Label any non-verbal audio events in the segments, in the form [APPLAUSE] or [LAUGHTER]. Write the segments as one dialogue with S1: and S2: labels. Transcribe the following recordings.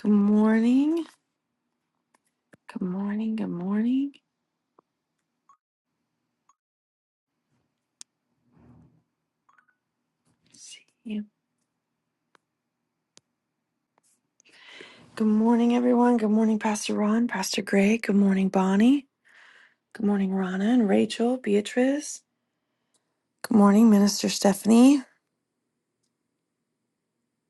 S1: Good morning. Good morning. Good morning. See you. Good morning, everyone. Good morning, Pastor Ron, Pastor Greg. Good morning, Bonnie. Good morning, Rana and Rachel, Beatrice. Good morning, Minister Stephanie.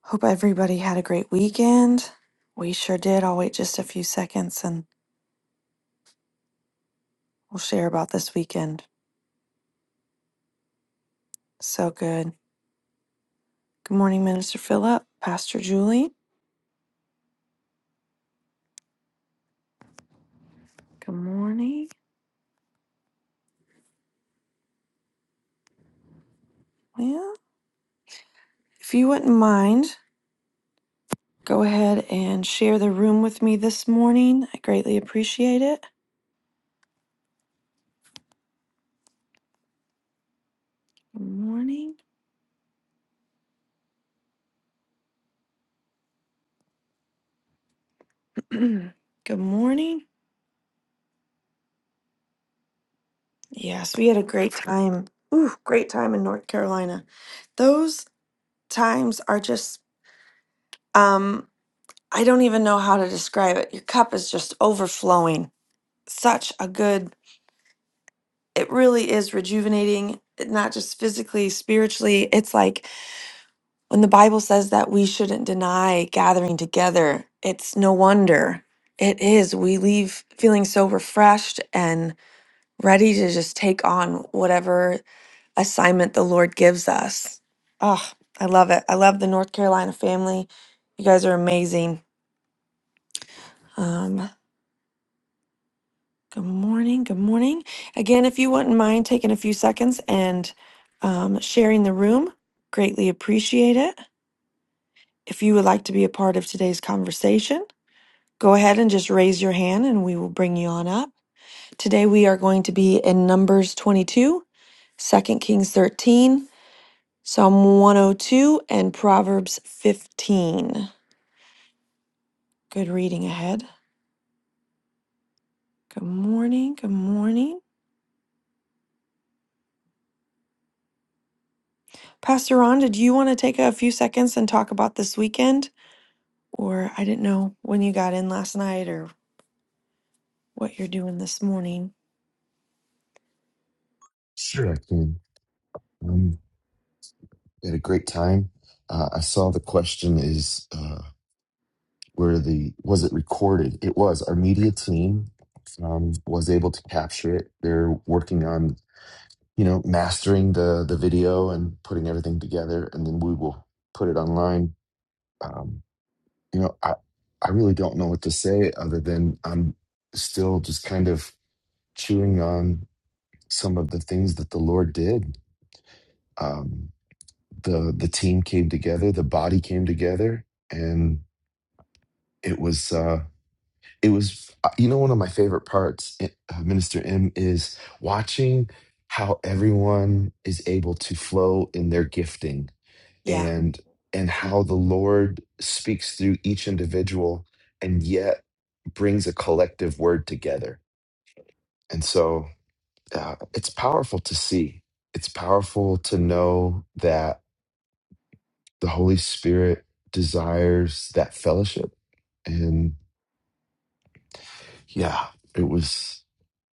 S1: Hope everybody had a great weekend. We sure did. I'll wait just a few seconds and we'll share about this weekend. So good. Good morning, Minister Philip, Pastor Julie. Good morning. Well, if you wouldn't mind. go ahead and share the room with me this morning. I greatly appreciate it. Good morning. [CLEARS THROAT] Good morning. Yes, we had a great time. Ooh, great time in North Carolina. Those times are just um I don't even know how to describe it. Your cup is just overflowing. Such a good. It really is rejuvenating, not just physically, spiritually. It's like When the Bible says that we shouldn't deny gathering together, it's no wonder. It is. We leave feeling so refreshed and ready to just take on whatever assignment the Lord gives us. Oh, I love it. I love the North Carolina family. You guys are amazing. Um, good morning. Good morning. Again, if you wouldn't mind taking a few seconds and um, sharing the room, greatly appreciate it. If you would like to be a part of today's conversation, Go ahead and just raise your hand and we will bring you on up. Today we are going to be in Numbers 22, Second Kings 13, Psalm 102, and Proverbs 15. Good reading ahead. Good morning. Good morning. Pastor Ron, did you want to take a few seconds and talk about this weekend? Or I didn't know when you got in last night or what you're doing this morning.
S2: Sure, I can. Um, had a great time. Uh, I saw the question is uh, where the was it recorded? It was our media team um, was able to capture it. They're working on you know mastering the the video and putting everything together, and then we will put it online. Um, you know, I I really don't know what to say other than I'm still just kind of chewing on some of the things that the Lord did. Um, the the team came together, the body came together, and it was uh, it was uh, you know one of my favorite parts, eh, uh, Minister M, is watching how everyone is able to flow in their gifting
S1: Yeah.
S2: and and how the Lord speaks through each individual and yet brings a collective word together. And so uh, it's powerful to see. It's powerful to know that the Holy Spirit desires that fellowship. And yeah, it was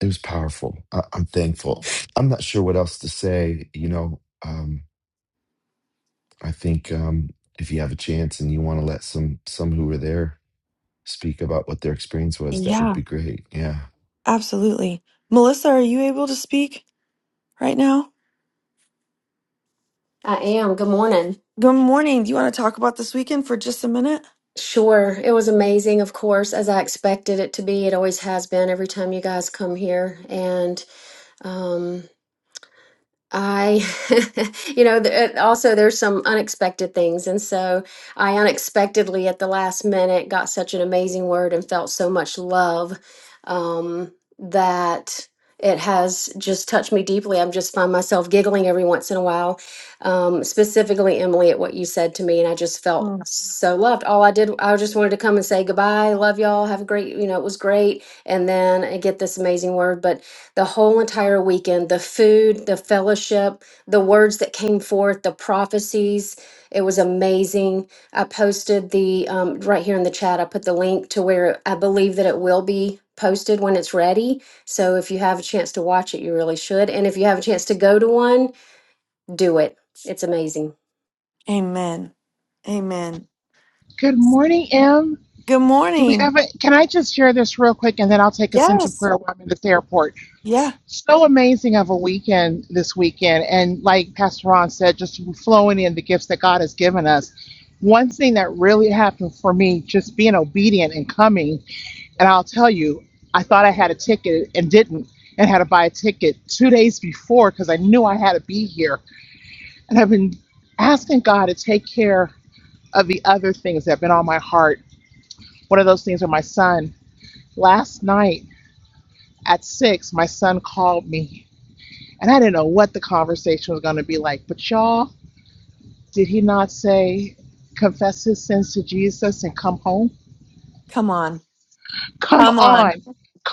S2: it was powerful. I, I'm thankful. I'm not sure what else to say. You know, um, I think um, if you have a chance and you want to let some some who were there speak about what their experience was, that would
S1: Yeah,
S2: be great. Yeah,
S1: absolutely. Melissa, are you able to speak right now?
S3: I am. Good morning.
S1: Good morning. Do you want to talk about this weekend for just a minute?
S3: Sure. It was amazing, of course, as I expected it to be. It always has been every time you guys come here. And, um, I, [LAUGHS] you know, th- uh, also there's some unexpected things. And so I unexpectedly at the last minute got such an amazing word and felt so much love um, that it has just touched me deeply. I'm just find myself giggling every once in a while, um, specifically, Emily, at what you said to me. And I just felt so loved. All I did, I just wanted to come and say goodbye. Love y'all. Have a great, you know, it was great. And then I get this amazing word. But the whole entire weekend the food the fellowship the words that came forth the prophecies it was amazing i posted the um, right here in the chat i put the link to where i believe that it will be posted when it's ready so if you have a chance to watch it you really should and if you have a chance to go to one do it it's amazing
S1: Amen. Amen.
S4: Good morning, Em.
S1: Good
S4: Do we
S1: morning.
S4: have a? Can I just share this real quick, and then I'll take us into
S1: Yes.
S4: prayer while I'm in this airport.
S1: Yeah.
S4: So amazing of a weekend this weekend, and like Pastor Ron said, just flowing in the gifts that God has given us. One thing that really happened for me, just being obedient and coming, and I'll tell you, I thought I had a ticket and didn't, and had to buy a ticket two days before because I knew I had to be here, and I've been asking God to take care of the other things that have been on my heart one of those things where my son, last night at six, my son called me and I didn't know what the conversation was going to be like. But y'all, did he not say, confess his sins to Jesus and come home?
S1: Come on.
S4: Come
S1: Come on.
S4: on.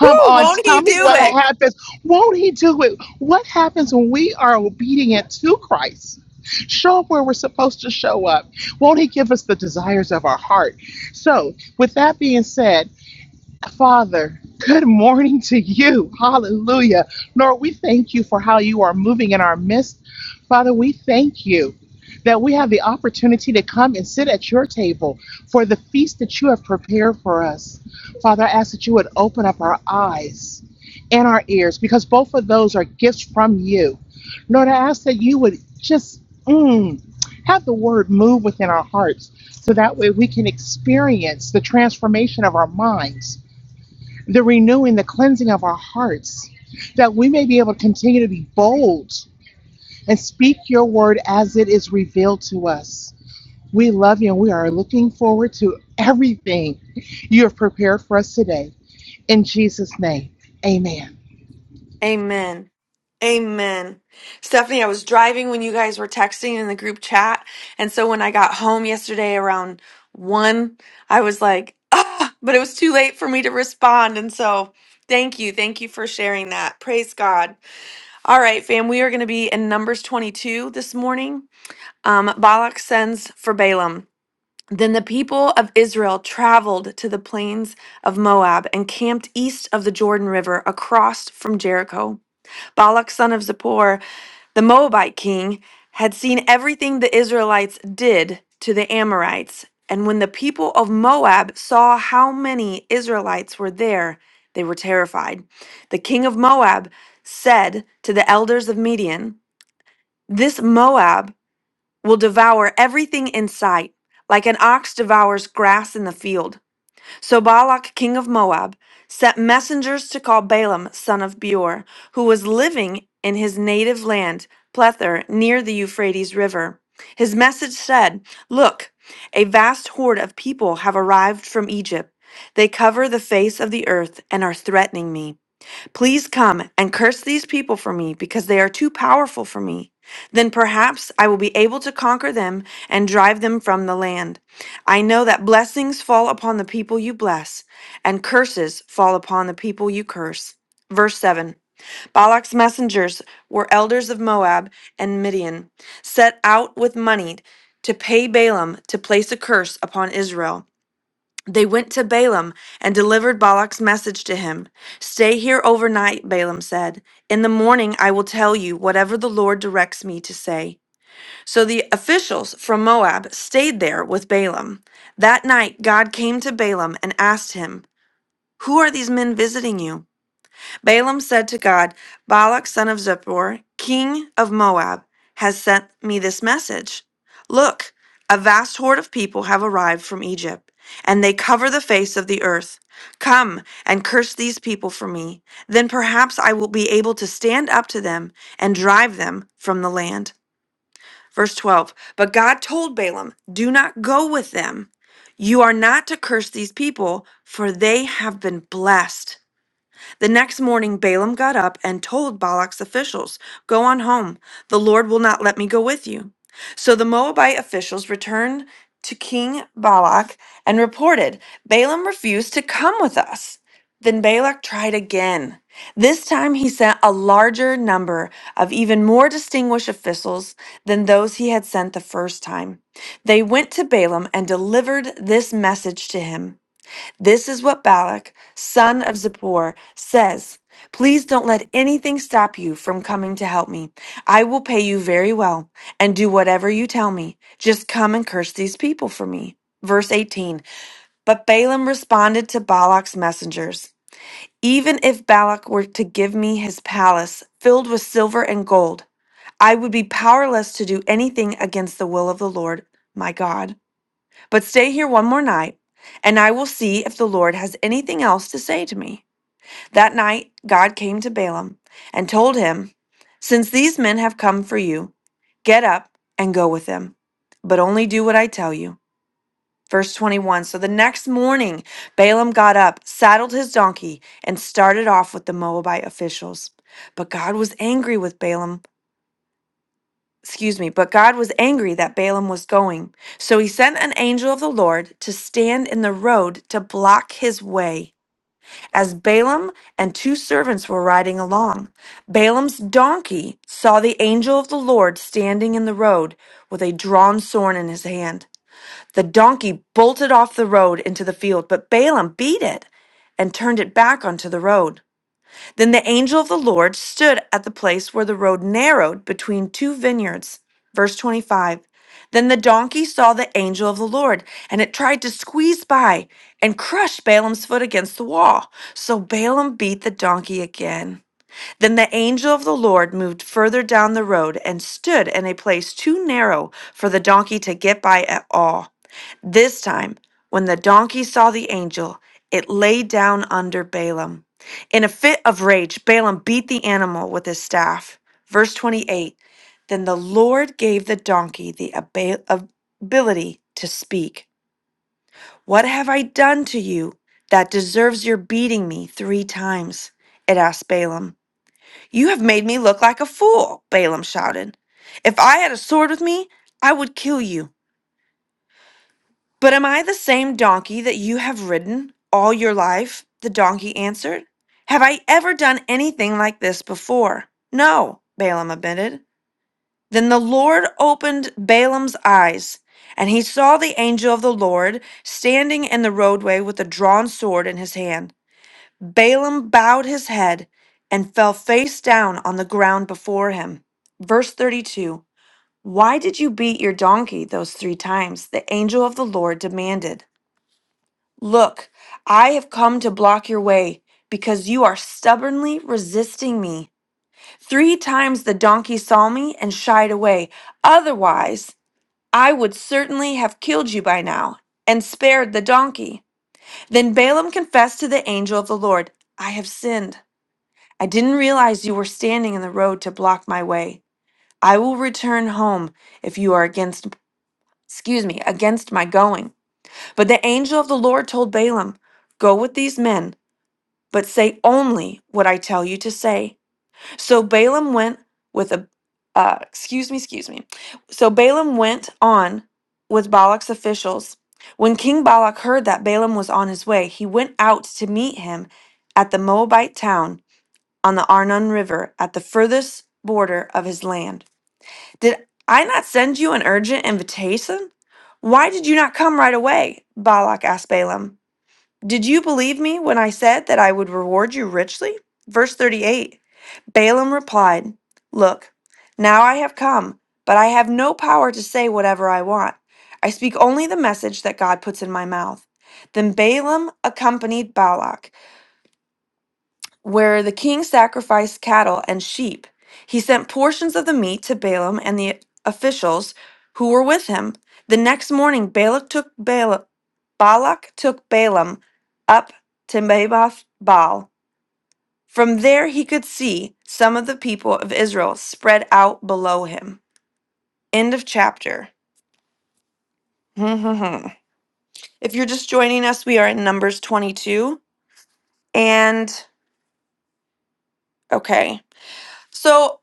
S1: Woo!
S4: on.
S1: Won't he
S4: Tell me
S1: do
S4: what
S1: it?
S4: happens. Won't he do it? What happens when we are obedient to Christ? Show up where we're supposed to show up. Won't he give us the desires of our heart? So, with that being said, Father, good morning to you. Hallelujah. Lord, we thank you for how you are moving in our midst. Father, we thank you that we have the opportunity to come and sit at your table for the feast that you have prepared for us. Father, I ask that you would open up our eyes and our ears because both of those are gifts from you. Lord, I ask that you would just mm, have the word move within our hearts so that way we can experience the transformation of our minds the renewing, the cleansing of our hearts, that we may be able to continue to be bold and speak your word as it is revealed to us. We love you and we are looking forward to everything you have prepared for us today. In Jesus' name, amen.
S1: Amen. Amen. Stephanie, I was driving when you guys were texting in the group chat. And so when I got home yesterday around one, I was like, ah, but it was too late for me to respond. And so thank you. Thank you for sharing that. Praise God. All right, fam, we are going to be in Numbers 22 this morning. Um, Balak sends for Balaam. Then the people of Israel traveled to the plains of Moab and camped east of the Jordan River across from Jericho. Balak, son of Zippor, the Moabite king, had seen everything the Israelites did to the Amorites. And when the people of Moab saw how many Israelites were there, they were terrified. The king of Moab said to the elders of Midian, This Moab will devour everything in sight, like an ox devours grass in the field. So Balak, king of Moab, sent messengers to call Balaam, son of Beor, who was living in his native land, Plether, near the Euphrates River. His message said, Look, a vast horde of people have arrived from Egypt. They cover the face of the earth and are threatening me. Please come and curse these people for me, because they are too powerful for me. Then perhaps I will be able to conquer them and drive them from the land. I know that blessings fall upon the people you bless, and curses fall upon the people you curse. Verse 7 Balak's messengers were elders of Moab and Midian, set out with money to pay Balaam to place a curse upon Israel. They went to Balaam and delivered Balak's message to him. Stay here overnight, Balaam said. In the morning I will tell you whatever the Lord directs me to say. So the officials from Moab stayed there with Balaam. That night God came to Balaam and asked him, Who are these men visiting you? Balaam said to God, Balak, son of Zippor, king of Moab, has sent me this message. Look, a vast horde of people have arrived from Egypt, and they cover the face of the earth. Come and curse these people for me. Then perhaps I will be able to stand up to them and drive them from the land. Verse 12 But God told Balaam, Do not go with them. You are not to curse these people, for they have been blessed. The next morning Balaam got up and told Balak's officials, Go on home. The Lord will not let me go with you. So the Moabite officials returned to King Balak and reported, Balaam refused to come with us. Then Balak tried again. This time he sent a larger number of even more distinguished officials than those he had sent the first time. They went to Balaam and delivered this message to him. This is what Balak, son of Zippor, says. Please don't let anything stop you from coming to help me. I will pay you very well and do whatever you tell me. Just come and curse these people for me. Verse 18 But Balaam responded to Balak's messengers Even if Balak were to give me his palace filled with silver and gold, I would be powerless to do anything against the will of the Lord my God but stay here one more night, and I will see if the Lord has anything else to say to me. That night, God came to Balaam and told him, Since these men have come for you, get up and go with them, but only do what I tell you. Verse 21 So the next morning, Balaam got up, saddled his donkey, and started off with the Moabite officials. But God was angry with Balaam excuse me, but God was angry that Balaam was going. So he sent an angel of the Lord to stand in the road to block his way, as Balaam and two servants were riding along. Balaam's donkey saw the angel of the Lord standing in the road with a drawn sword in his hand. The donkey bolted off the road into the field, but Balaam beat it and turned it back onto the road. Then the angel of the Lord stood at the place where the road narrowed between two vineyards. Verse 25. Then the donkey saw the angel of the Lord, and it tried to squeeze by and crush Balaam's foot against the wall. So Balaam beat the donkey again. Then the angel of the Lord moved further down the road and stood in a place too narrow for the donkey to get by at all. This time, when the donkey saw the angel, it lay down under Balaam. In a fit of rage, Balaam beat the animal with his staff. Verse 28 Then the Lord gave the donkey the aba- ability to speak. What have I done to you that deserves your beating me three times? It asked Balaam. You have made me look like a fool, Balaam shouted. If I had a sword with me, I would kill you. But am I the same donkey that you have ridden all your life? The donkey answered. Have I ever done anything like this before? No, Balaam admitted. Then the Lord opened Balaam's eyes, and he saw the angel of the Lord standing in the roadway with a drawn sword in his hand. Balaam bowed his head and fell face down on the ground before him. Verse 32 Why did you beat your donkey those three times? The angel of the Lord demanded. Look, I have come to block your way because you are stubbornly resisting me. Three times the donkey saw me and shied away. Otherwise, I would certainly have killed you by now and spared the donkey. Then Balaam confessed to the angel of the Lord, I have sinned. I didn't realize you were standing in the road to block my way. I will return home if you are against, excuse me, against my going. But the angel of the Lord told Balaam, Go with these men. but say only what I tell you to say. So Balaam went with a, uh, excuse me, excuse me. So Balaam went on with Balak's officials. When King Balak heard that Balaam was on his way, he went out to meet him at the Moabite town on the Arnon River at the furthest border of his land. Did I not send you an urgent invitation? Why did you not come right away? Balak asked Balaam. Did you believe me when I said that I would reward you richly? Verse 38 Balaam replied, Look, now I have come, but I have no power to say whatever I want. I speak only the message that God puts in my mouth. Then Balaam accompanied Balak where the king sacrificed cattle and sheep. He sent portions of the meat to Balaam and the officials who were with him. The next morning, Balak took Bala- Balak took Balaam up to Naboth Baal. From there, he could see some of the people of Israel spread out below him. End of chapter. [LAUGHS] if you're just joining us, we are in Numbers 22. And okay. So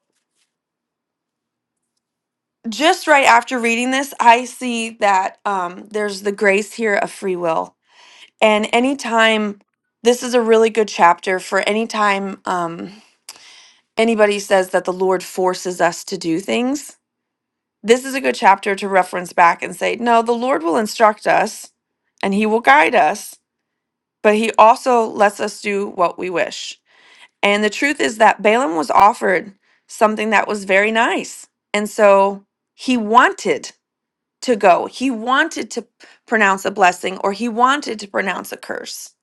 S1: just right after reading this, I see that um, there's the grace here of free will. And anytime, this is a really good chapter for anytime um, anybody says that the Lord forces us to do things. This is a good chapter to reference back and say, no, the Lord will instruct us and he will guide us, but he also lets us do what we wish. And the truth is that Balaam was offered something that was very nice. And so he wanted to go. He wanted to pronounce a blessing or he wanted to pronounce a curse.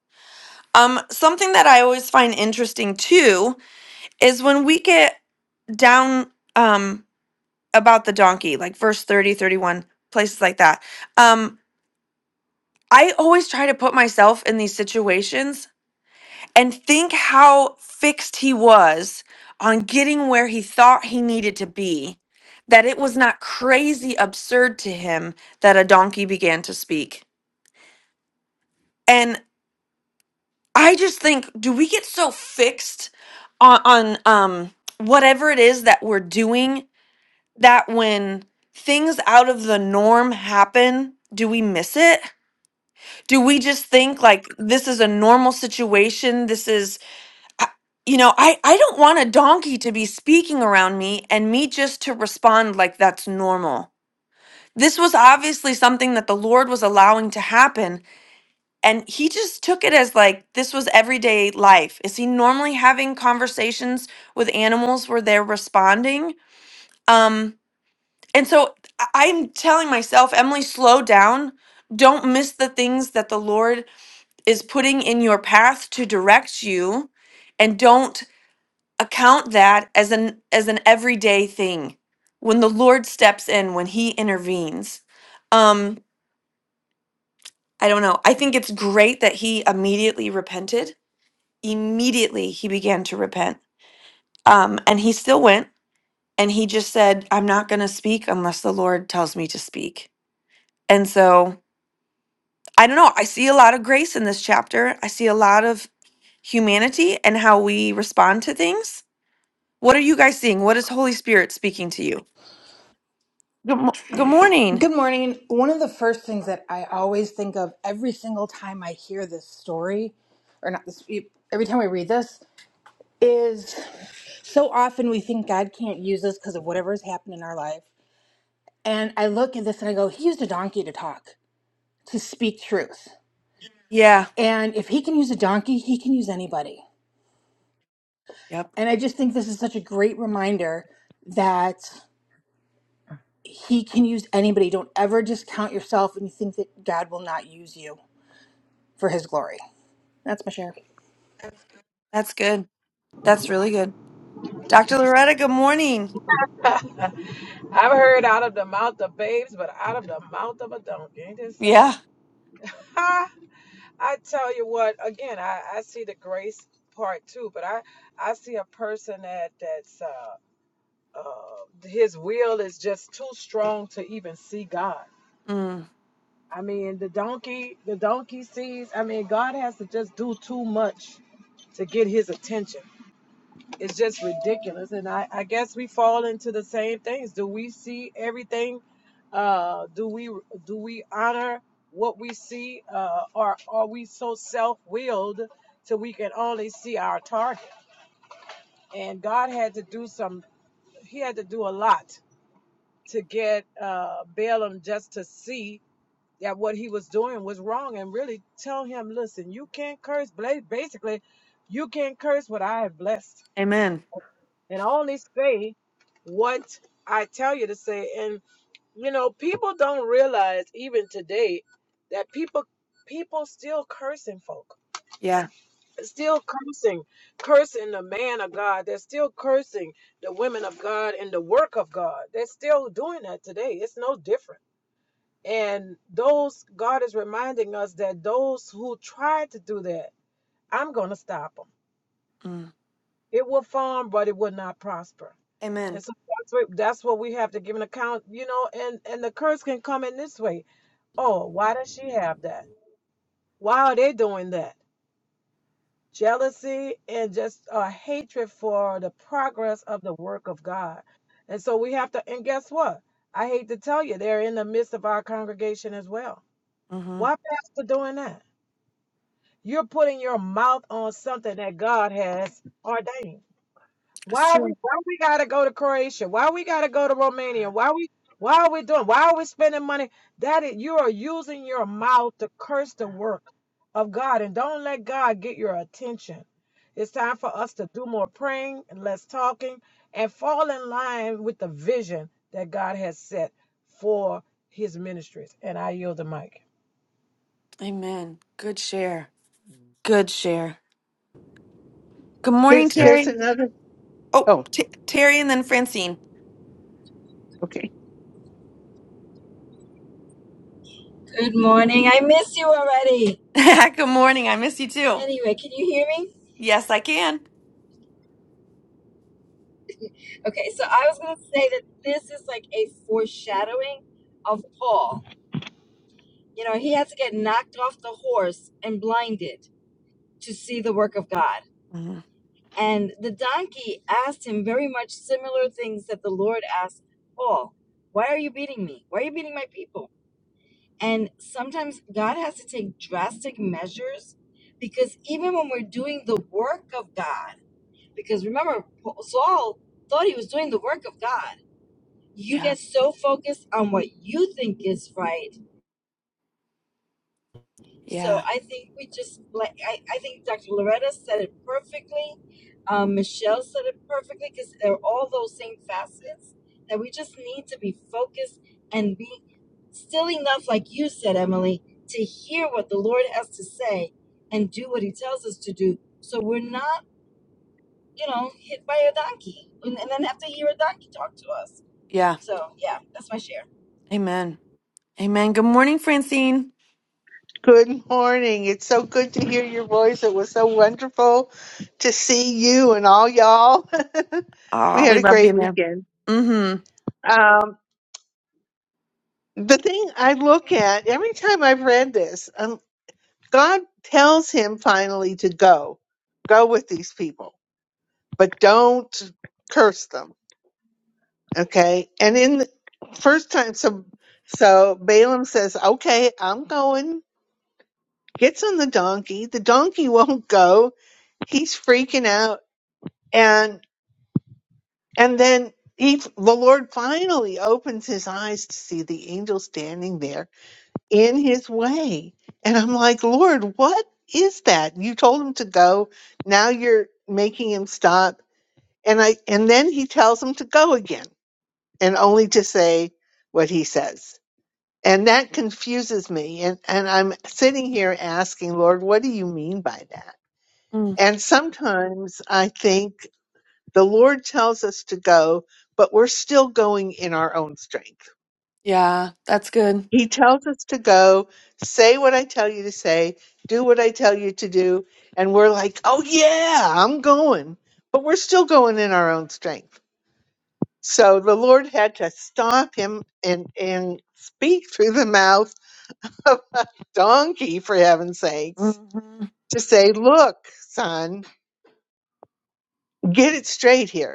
S1: Um, something that I always find interesting too is when we get down um, about the donkey, like verse 30, 31 places like that. Um, I always try to put myself in these situations and think how fixed he was on getting where he thought he needed to be, that it was not crazy absurd to him that a donkey began to speak. and. I just think, do we get so fixed on, on um, whatever it is that we're doing that when things out of the norm happen, do we miss it? Do we just think like this is a normal situation? This is, I- you know, I, I don't want a donkey to be speaking around me and me just to respond like that's normal. This was obviously something that the Lord was allowing to happen and he just took it as like this was everyday life is he normally having conversations with animals where they're responding um and so I- i'm telling myself emily slow down don't miss the things that the lord is putting in your path to direct you and don't account that as an as an everyday thing when the lord steps in when he intervenes um i don't know i think it's great that he immediately repented immediately he began to repent. Um, and he still went and he just said, I'm not going to speak unless the Lord tells me to speak. And so I don't know. I see a lot of grace in this chapter. I see a lot of humanity and how we respond to things. What are you guys seeing? What is Holy Spirit speaking to you? Good, mo- good morning.
S5: Good morning. One of the first things that I always think of every single time I hear this story, or not this, e, every time I read this, is so often we think God can't use us because of whatever has happened in our life. And I look at this and I go, He used a donkey to talk, to speak truth.
S1: Yeah.
S5: And if He can use a donkey, He can use anybody.
S1: Yep.
S5: And I just think this is such a great reminder that He can use anybody. Don't ever discount yourself and you think that God will not use you for His glory. That's my share.
S1: That's good. That's really good. Dr. Loretta, good morning.
S6: I've heard out of the mouth of babes, but out of the mouth of a donkey. Ain't this something?
S1: Yeah.
S6: Ha! I tell you what, again, I, I see the grace part too, but I, I see a person that that's uh, uh, his will is just too strong to even see God.
S1: Mm.
S6: I mean, the donkey, the donkey sees. I mean, God has to just do too much to get his attention. it's just ridiculous. And I, I guess we fall into the same things. Do we see everything? Uh, do we do we honor what we see? Uh, or are we so self-willed till we can only see our target? And God had to do some. He had to do a lot to get uh, Balaam just to see that what he was doing was wrong and really tell him, listen, you can't curse. Basically, you can't curse what I have blessed
S1: Amen.
S6: and only say what I tell you to say. And you know, people don't realize even today that people people still cursing folk,
S1: Yeah.
S6: still cursing, cursing the man of God. They're still cursing the women of God and the work of God. They're still doing that today. It's no different. And those God is reminding us that those who try to do that, I'm gonna stop them.
S1: Mm.
S6: It will farm, but it will not prosper.
S1: Amen.
S6: And so that's what, that's what we have to give an account, you know, and, and the curse can come in this way. Oh, why does she have that? Why are they doing that? Jealousy and just a hatred for the progress of the work of God. And so we have to, and guess what? I hate to tell you, they're in the midst of our congregation as well.
S1: mm
S6: Why pastor doing that? You're putting your mouth on something that God has ordained. Why
S1: true.
S6: we why we gotta go to Croatia? Why we gotta go to Romania? Why we why are we doing? Why are we spending money? That is, you are using your mouth to curse the work of God, and don't let God get your attention. It's time for us to do more praying and less talking, and fall in line with the vision that God has set for His ministries. And I yield the mic.
S1: Amen. Good share. Good share. Good morning,
S7: There's there's
S1: Terry.
S7: another.
S1: Oh,
S7: Oh,
S1: T- Terry and then Francine.
S7: okay.
S8: Good morning. I miss you already.
S1: [LAUGHS] Good morning. I miss you too.
S8: Anyway, can you hear me?
S1: Yes, I can.
S8: Okay, so I was going to say that this is like a foreshadowing of Paul. You know, he had to get knocked off the horse and blinded to see the work of God.
S1: Mhm.
S8: And the donkey asked him very much similar things that the Lord asked Paul Why are you beating me? Why are you beating my people? And sometimes God has to take drastic measures because even when we're doing the work of God, Because remember, Saul thought he was doing the work of God. You
S1: Yeah.
S8: get so focused on what you think is right. So
S1: Yeah.
S8: I think we just, like, I, I think Dr. Loretta said it perfectly. Um, Michelle said it perfectly because they're all those same facets that we just need to be focused and be still enough, like you said, Emily, to hear what the Lord has to say and do what he tells us to do. So we're not you know, hit by a donkey and, and then have to hear a donkey talk to us.
S1: Yeah.
S8: So yeah, that's my share.
S1: Amen. Amen. Good morning, Francine.
S7: Good morning. It's so good to hear your voice. It was so wonderful to see you and all y'all. [LAUGHS] we
S1: Oh,
S7: had
S1: we
S7: a
S1: love
S7: great
S1: being there.
S7: weekend.
S1: Mm-hmm.
S7: Um, the thing I look at every time I've read this, um, God tells him finally to go, go with these people, but don't curse them. Okay. And in the first time, so so Balaam says, "Okay, I'm going." gets on the donkey. The donkey won't go. He's freaking out. And, and then he, the Lord finally opens his eyes to see the angel standing there in his way. And I'm like, Lord, what is that? You told him to go. Now you're making him stop. And I, and then he tells him to go again and only to say what he says. And that confuses me. And, and I'm sitting here asking, Lord, what do you mean by that?
S1: Mm.
S7: And sometimes I think the Lord tells us to go, but we're still going in our own strength.
S1: Yeah, that's good.
S7: He tells us to go, say what I tell you to say, do what I tell you to do. And we're like, oh, yeah, I'm going. But we're still going in our own strength. So the Lord had to stop him and, and speak through the mouth [LAUGHS] of a donkey, for heaven's sakes,
S1: hmm
S7: to say, look, son, get it straight here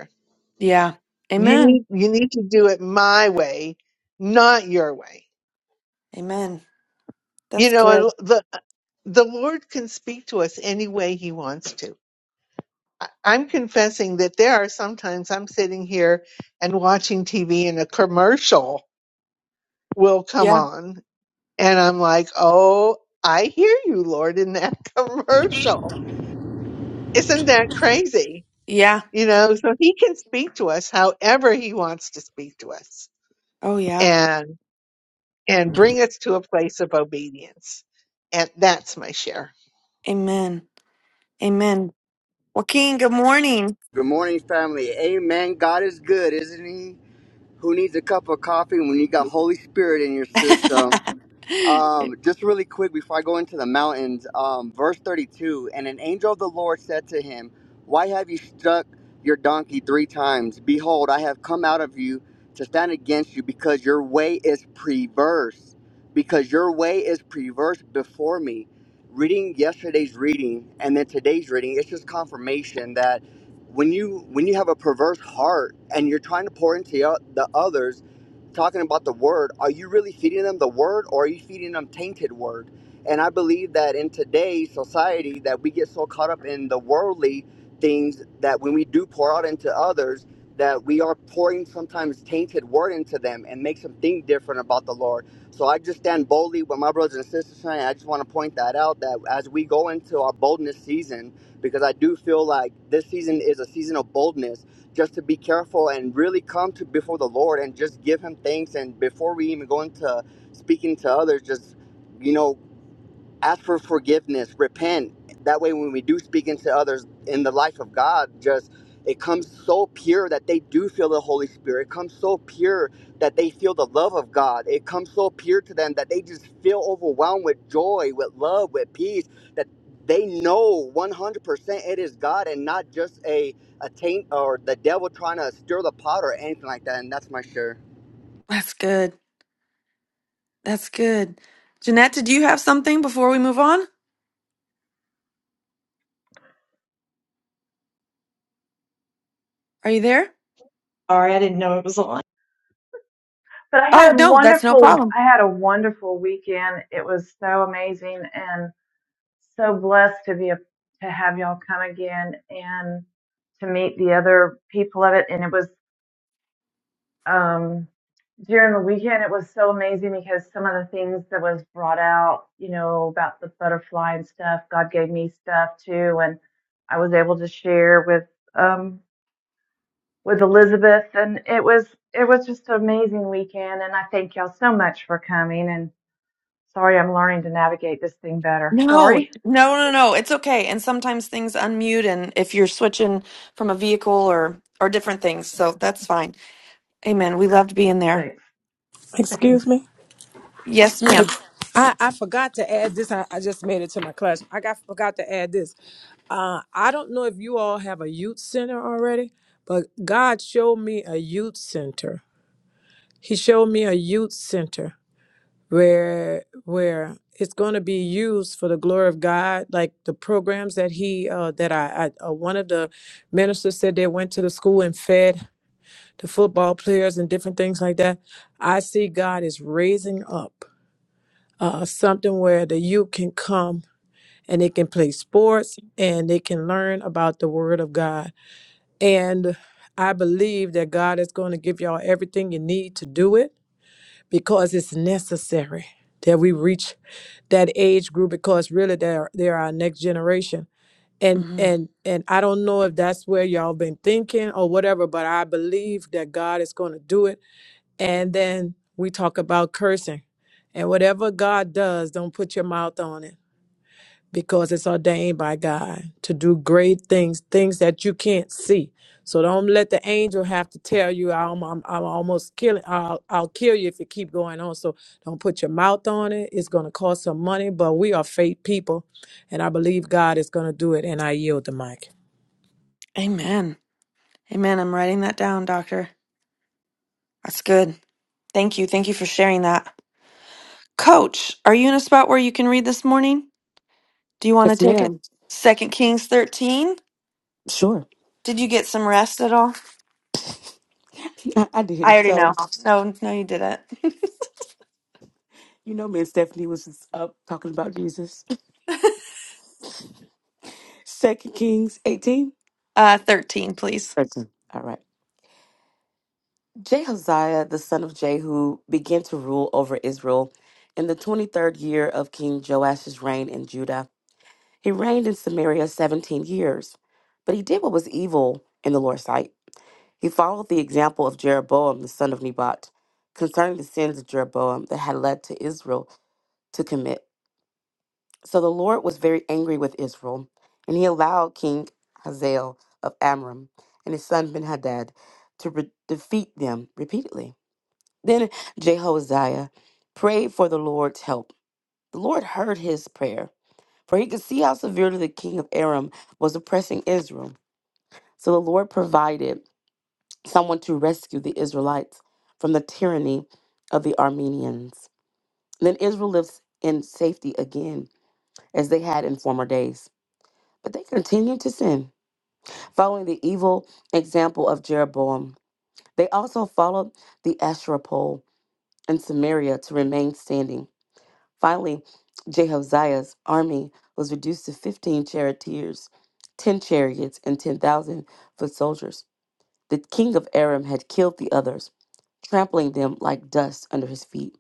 S1: Yeah.
S7: you
S1: Amen.
S7: need you need to do it my way not your way
S1: Amen.
S7: you
S1: That's
S7: know and
S1: good.
S7: the the lord can speak to us any way he wants to I- i'm confessing that there are sometimes i'm sitting here and watching tv and a commercial will come
S1: Yeah.
S7: on and i'm like oh i hear you lord in that [LAUGHS] commercial isn't that crazy
S1: Yeah.
S7: you know so he can speak to us however he wants to speak to us
S1: Oh, yeah.
S7: and bring us to a place of obedience. And that's my share.
S1: Amen. Amen. Joaquin, good morning.
S9: Good morning, family. Amen. God is good, isn't He? Who needs a cup of coffee when you got Holy Spirit in your system?
S1: [LAUGHS] [LAUGHS]
S9: Um, just really quick before I go into the mountains, um, verse 32 And an angel of the Lord said to him, Why have you struck your donkey three times? Behold, I have come out of you to stand against you because your way is perverse, because your way is perverse before me. Reading yesterday's reading and then today's reading, it's just confirmation that when you when you have a perverse heart and you're trying to pour into the the others talking about the word, are you really feeding them the word or are you feeding them tainted word? And I believe that in today's society that we get so caught up in the worldly things that when we do pour out into others, that we are pouring sometimes tainted word into them and makes them think different about the Lord. So I just stand boldly with my brothers and sisters tonight. I just want to point that out that as we go into our boldness season, because I do feel like this season is a season of boldness just to be careful and really come to before the Lord and just give Him thanks. And before we even go into speaking to others, just you know ask for forgiveness, repent. That way, when we do speak into others in the life of God, just it comes so pure that they do feel the Holy Spirit. It comes so pure that they feel the love of God. It comes so pure to them that they just feel overwhelmed with joy, with love, with peace, that they know 100% it is God and not just a, a taint or the devil trying to stir the pot or anything like that. And that's my share.
S1: That's good. That's good. Jeanette, did you have something before we move on? Are you there?
S10: Sorry, I didn't know it was on. But I
S1: Oh,
S10: had a
S1: no, that's no
S10: wonderful,
S1: problem.
S10: I had a wonderful weekend. It was so amazing and so blessed to be a, to have y'all come again and to meet the other people of it. And it was um, during the weekend, it was so amazing because some of the things that was brought out, you know, about the butterfly and stuff, God gave me stuff too, and I was able to share with um, with Elizabeth, and it was it was just an amazing weekend. And I thank y'all so much for coming. And sorry, I'm learning to navigate this thing better.
S1: No,
S10: Sorry.
S1: no, no, no. It's okay. And sometimes things unmute and if you're switching from a vehicle or or different things, so that's fine. Amen. We loved being
S10: [LAUGHS]
S1: there.
S10: Thanks. Thanks.
S6: Excuse me.
S1: Yes, madam
S6: Like, I, I forgot to add this. I, I just made it to my class. I got forgot to add this. Uh, I don't know if you all have a youth center already, but God showed me a youth center. He showed me a youth center where where it's going to be used for the glory of God. Like the programs that he uh, that I, I uh, one of the ministers said they went to the school and fed the football players and different things like that. I see God is raising up uh, something where the youth can come and they can play sports and they can learn about the Word of God. And I believe that God is going to give y'all everything you need to do it because it's necessary that we reach that age group because really they're they're our next generation. And
S1: Mm-hmm.
S6: and and I don't know if that's where y'all been thinking or whatever, but I believe that God is going to do it and then we talk about cursing. And whatever God does, don't put your mouth on it because it's ordained by God to do great things, things that you can't see. So don't let the angel have to tell you, I'm, I'm, I'm almost killing, I'll, I'll kill you if you keep going on. So don't put your mouth on it. It's going to cost some money, but we are faith people. And I believe God is going to do it. And I yield the mic.
S1: Amen. Amen. I'm writing that down, doctor. That's good. Thank you. Thank you for sharing that. Coach, are you in a spot where you can read this morning? Do you want to
S11: Yes,
S1: take it?
S11: ma'am.
S1: Second Kings 13.
S11: Sure.
S1: Did you get some rest at all?
S11: [LAUGHS] I, I
S1: I
S11: did.
S1: already
S11: So,
S1: know. No, no, you didn't.
S11: you know, me and Stephanie was just up talking about Jesus. Second Kings 18.
S1: [LAUGHS] uh, 13, please.
S11: 13. All right. Jehaziah, the son of Jehu, began to rule over Israel in the 23rd year of King Joash's reign in Judah. He reigned in Samaria 17 years, but he did what was evil in the Lord's sight. He followed the example of Jeroboam, the son of Nebat, concerning the sins of Jeroboam that had led to Israel to commit. So the Lord was very angry with Israel, and he allowed King Hazael of Amram and his son Ben-Hadad to re- defeat them repeatedly. Then Jehoziah prayed for the Lord's help. The Lord heard his prayer, for he could see how severely the king of Aram was oppressing Israel. So the Lord provided someone to rescue the Israelites from the tyranny of the Armenians. Then Israel lives in safety again, as they had in former days. But they continued to sin, following the evil example of Jeroboam. They also followed the Asherah pole in Samaria to remain standing. Finally, Jehoshaphat's army was reduced to 15 charioteers, 10 chariots, and 10,000 foot soldiers. The king of Aram had killed the others, trampling them like dust under his feet.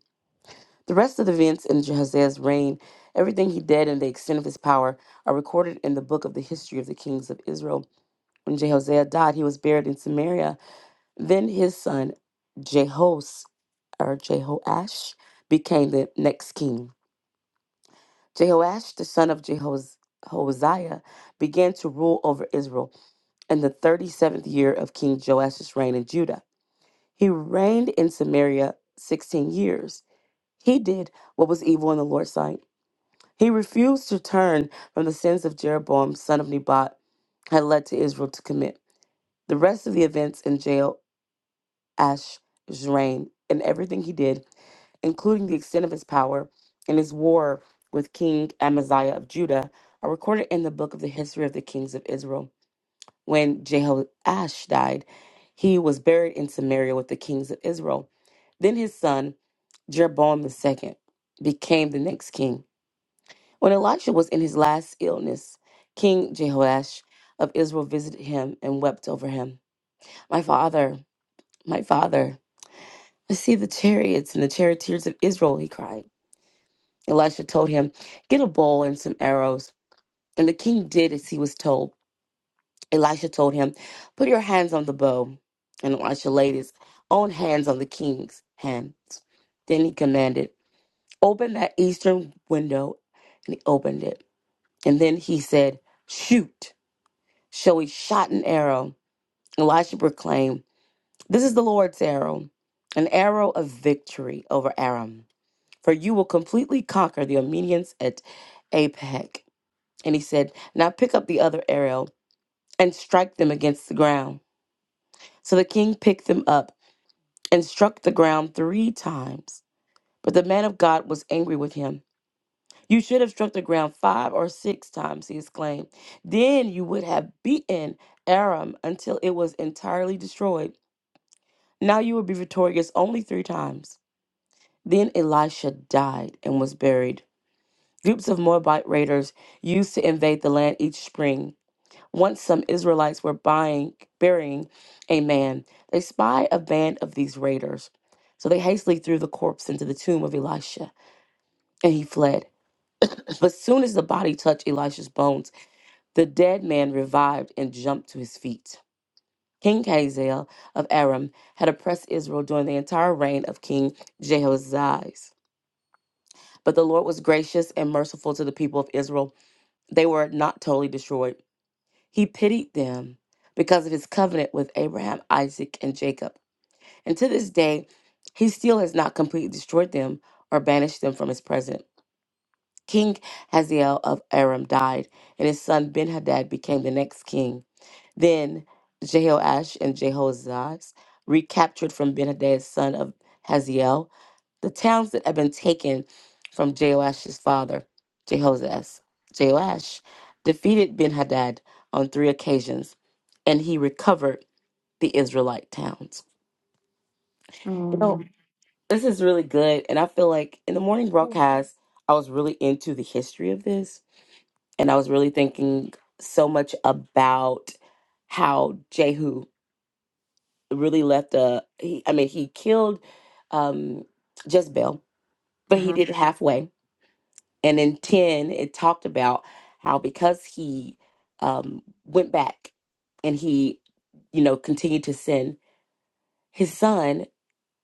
S11: The rest of the events in Jehoshaphat's reign, everything he did and the extent of his power, are recorded in the book of the history of the kings of Israel When Jehoshaphat died, he was buried in Samaria. Then his son Jehos or Jehoash became the next king. Jehoash, the son of Jehoz- Josiah, began to rule over Israel in the 37th year of King Joash's reign in Judah. He reigned in Samaria 16 years. He did what was evil in the Lord's sight. He refused to turn from the sins of Jeroboam, son of Nebat, had led to Israel to commit. The rest of the events in Jehoash. Ash, Zrain, and everything he did, including the extent of his power and his war with King Amaziah of Judah, are recorded in the book of the history of the kings of Israel. When Jehoash died, he was buried in Samaria with the kings of Israel. Then his son, Jeroboam the second became the next king. When Elisha was in his last illness, King Jehoash of Israel visited him and wept over him. My father, my father. See the chariots and the charioteers of Israel, he cried. Elisha told him, Get a bow and some arrows. And the king did as he was told. Elisha told him, Put your hands on the bow. And Elisha laid his own hands on the king's hands. Then he commanded, Open that eastern window. And he opened it. And then he said, Shoot. So he shot an arrow. Elisha proclaimed, This is the Lord's arrow, an arrow of victory over Aram. for you will completely conquer the Armenians at Apec. And he said, Now pick up the other arrow and strike them against the ground. So the king picked them up and struck the ground three times. But the man of God was angry with him. You should have struck the ground five or six times, he exclaimed. Then you would have beaten Aram until it was entirely destroyed. Now you will be victorious only three times. Then Elisha died and was buried. Groups of Moabite raiders used to invade the land each spring. Once some Israelites were buying, burying a man, they spied a band of these raiders. So they hastily threw the corpse into the tomb of Elisha, and he fled. But soon as the body touched Elisha's bones, the dead man revived and jumped to his feet. King Hazael of Aram had oppressed Israel during the entire reign of King Jehoash. But the Lord was gracious and merciful to the people of Israel. They were not totally destroyed. He pitied them because of his covenant with Abraham, Isaac, and Jacob. And to this day, he still has not completely destroyed them or banished them from his presence. King Hazael of Aram died, and his son Ben Hadad became the next king. Then Jehoash and Jehoazaz recaptured from Ben Hadad's son of Hazael the towns that have been taken from Joash's father, Jehoshaphat, Joash defeated Ben Hadad on three occasions, and he recovered the Israelite towns. You know,
S1: Mm.
S11: this is really good, and I feel like in the morning broadcast, I was really into the history of this, and I was really thinking so much about how Jehu really left a. He, I mean, he killed um, Jezebel, but he
S1: hmm
S11: did it halfway And in 10, it talked about how because he um, went back and he, you know, continued to sin, his son,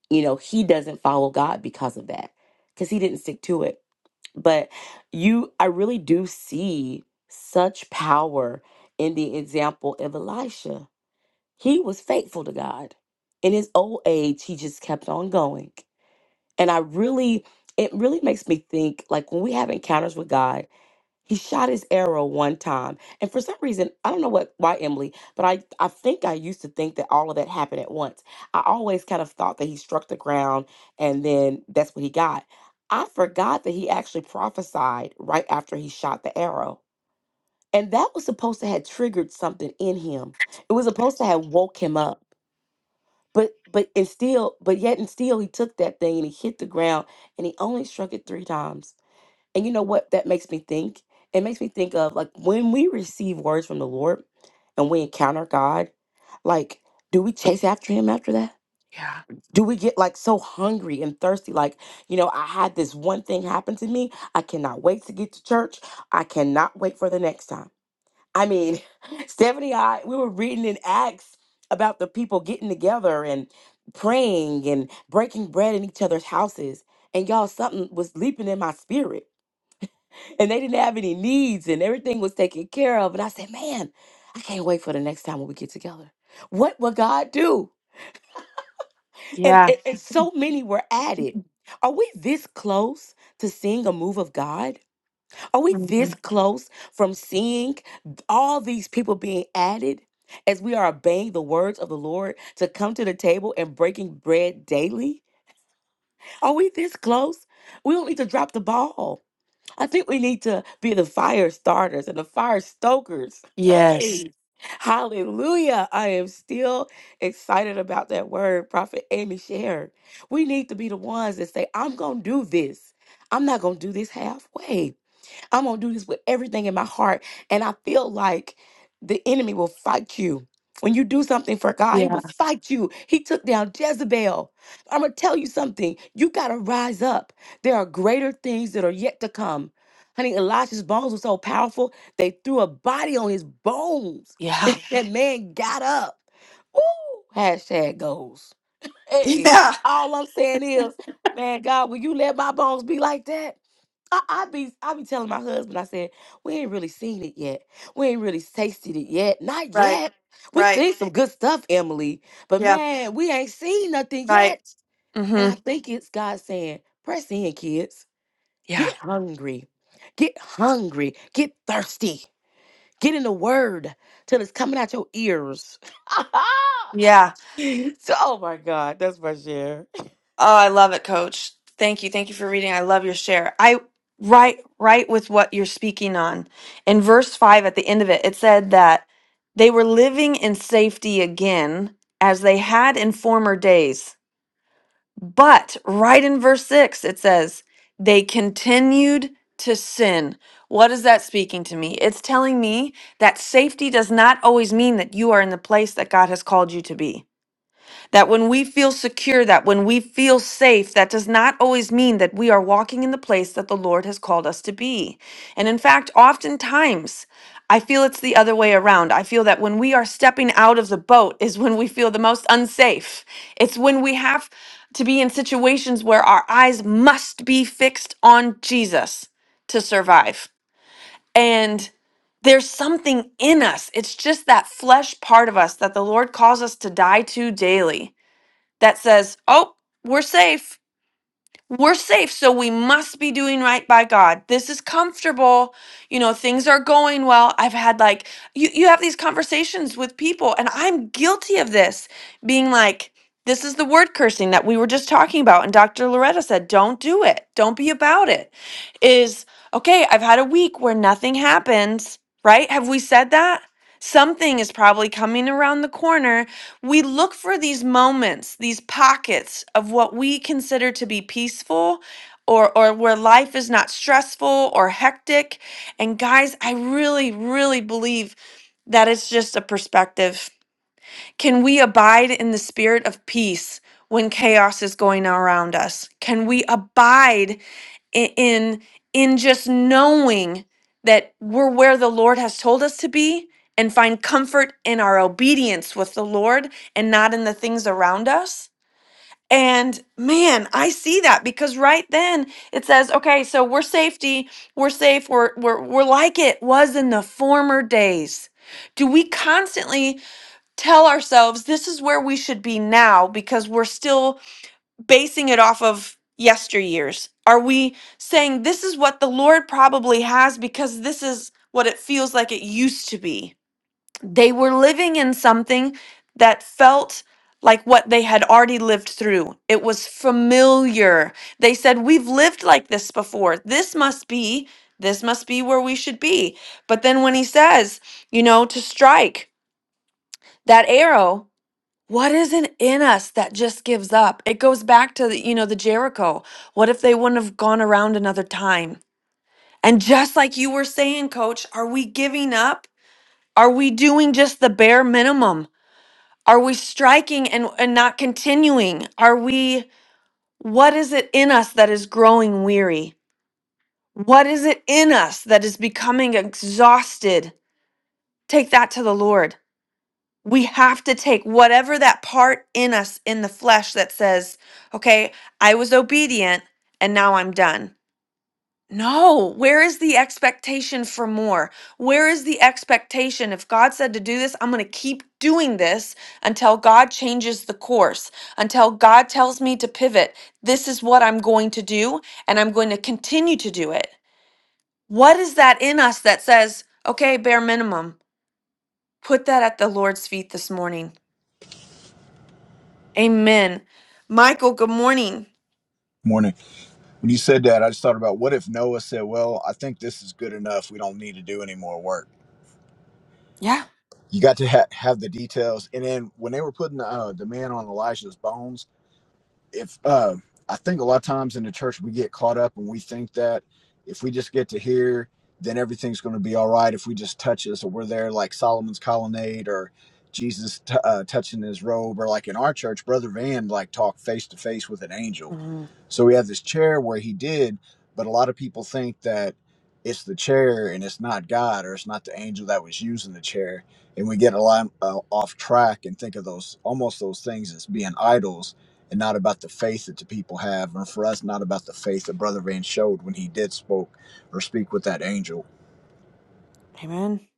S11: you know, he doesn't follow God because of that, because he didn't stick to it. But you, I really do see such power in the example of Elisha. He was faithful to God. In his old age, he just kept on going. And I really, it really makes me think like when we have encounters with God, he shot his arrow one time. And for some reason, I don't know what why Emily, but I, I think I used to think that all of that happened at once. I always kind of thought that he struck the ground and then that's what he got. I forgot that he actually prophesied right after he shot the arrow. And that was supposed to have triggered something in him. It was supposed to have woke him up. But but and still, but yet and still he took that thing and he hit the ground and he only struck it three times. And you know what that makes me think? It makes me think of like when we receive words from the Lord and we encounter God, like, do we chase after him after that?
S1: Yeah.
S11: Do we get like so hungry and thirsty? Like, you know, I had this one thing happen to me. I cannot wait to get to church. I cannot wait for the next time. I mean, [LAUGHS] Stephanie and I, we were reading in Acts about the people getting together and praying and breaking bread in each other's houses. And y'all, something was leaping in my spirit and they didn't have any needs and everything was taken care of. And I said, man, I can't wait for the next time when we get together. What will God do? And,
S1: Yeah.
S11: and, and so many were added. Are we this close to seeing a move of God? Are we
S1: hmm
S11: this close from seeing all these people being added as we are obeying the words of the Lord to come to the table and breaking bread daily? Are we this close? We don't need to drop the ball. I think we need to be the fire starters and the fire stokers.
S1: Yes.
S11: Hey, [LAUGHS] hallelujah. I am still excited about that word Prophet Amy shared. We need to be the ones that say, I'm going to do this. I'm not going to do this halfway. I'm gonna do this with everything in my heart. And I feel like the enemy will fight you. When you do something for God, he
S1: Yeah.
S11: will fight you. He took down Jezebel. I'm gonna tell you something. You gotta rise up. There are greater things that are yet to come. Honey, Elisha's bones were so powerful, they threw a body on his bones. [LAUGHS]
S1: Yeah.
S11: And
S1: [LAUGHS]
S11: that man got up. Woo! Hashtag goals. Hey,
S1: Yeah.
S11: all I'm saying is, man, God, will you let my bones be like that? I, I be I be telling my husband, I said, we ain't really seen it yet. We ain't really tasted it yet. Not
S1: Right.
S11: yet. We
S1: Right.
S11: seen some good stuff, Emily, but
S1: Yeah.
S11: man, we ain't seen nothing
S1: Right.
S11: yet. And
S1: hmm
S11: I think it's God saying, press in, kids.
S1: Yeah.
S11: Get hungry. Get hungry. Get thirsty. Get in the word till it's coming out your ears. [LAUGHS]
S1: Yeah.
S11: so, oh my God, that's my share.
S1: Oh, I love it, coach. Thank you. Thank you for reading. I love your share. I right right with what you're speaking on. In verse 5 at the end of it, it said that they were living in safety again as they had in former days. But right in verse 6 it says they continued to sin. What is that speaking to me? It's telling me that safety does not always mean that you are in the place that God has called you to be. That when we feel secure, that when we feel safe, that does not always mean that we are walking in the place that the Lord has called us to be. And in fact, oftentimes, I feel it's the other way around. I feel that when we are stepping out of the boat is when we feel the most unsafe. It's when we have to be in situations where our eyes must be fixed on Jesus to survive. And there's something in us. It's just that flesh part of us that the Lord calls us to die to daily that says, oh, we're safe. We're safe. So we must be doing right by God. This is comfortable. You know, things are going well. I've had like, you, you have these conversations with people, and I'm guilty of this being like, this is the word cursing that we were just talking about. And Dr. Loretta said, don't do it. Don't be about it. Is okay, I've had a week where nothing happens, right? Have we said that? Something is probably coming around the corner we look for these moments, these pockets of what we consider to be peaceful or or where life is not stressful or hectic. And guys, I really really believe that it's just a perspective. Can we abide in the spirit of peace when chaos is going around us? Can we abide i- in in just knowing that we're where the Lord has told us to be and find comfort in our obedience with the Lord and not in the things around us. And man, I see that because right then it says, okay, so we're safety, we're safe, we're we're we're like it was in the former days. Do we constantly tell ourselves this is where we should be now because we're still basing it off of yesteryears? Are we saying this is what the Lord probably has because this is what it feels like it used to be? They were living in something that felt like what they had already lived through. It was familiar. They said, We've lived like this before. This must be, this must be where we should be. But then when he says, you know, to strike that arrow, what is it in us that just gives up? It goes back to the, you know the Jericho. What if they wouldn't have gone around another time? And just like you were saying, coach, are we giving up? Are we doing just the bare minimum? Are we striking and and not continuing? Are we what is it in us that is growing weary? What is it in us that is becoming exhausted? Take that to the Lord. we have to take whatever that part in us in the flesh that says, okay, I was obedient and now I'm done. No, where is the expectation for more? Where is the expectation? If God said to do this, I'm going to keep doing this until God changes the course, until God tells me to pivot. This is what I'm going to do, and I'm going to continue to do it. What is that in us that says, okay, bare minimum, put that at the Lord's feet this morning? Amen. Michael, good morning.
S12: Morning. When you said that, I just thought about what if Noah said, Well, I think this is good enough. We don't need to do any more work.
S1: Yeah.
S12: You got to ha- have the details. And then when they were putting the, uh, the man on Elijah's bones, if uh, I think a lot of times in the church we get caught up and we think that if we just get to here, then everything's going to be all right. If we just touch this, or we're there like Solomon's colonnade, or Jesus t- uh, touching his robe, or like in our church, Brother Van like talked face to face with an angel.
S1: Mhm.
S12: So we have this chair where he did, but a lot of people think that it's the chair and it's not God or it's not the angel that was using the chair, and we get a lot uh, off track and think of those almost those things as being idols and not about the faith that the people have, and for us, not about the faith that Brother Van showed when he did spoke or speak with that angel.
S1: Amen.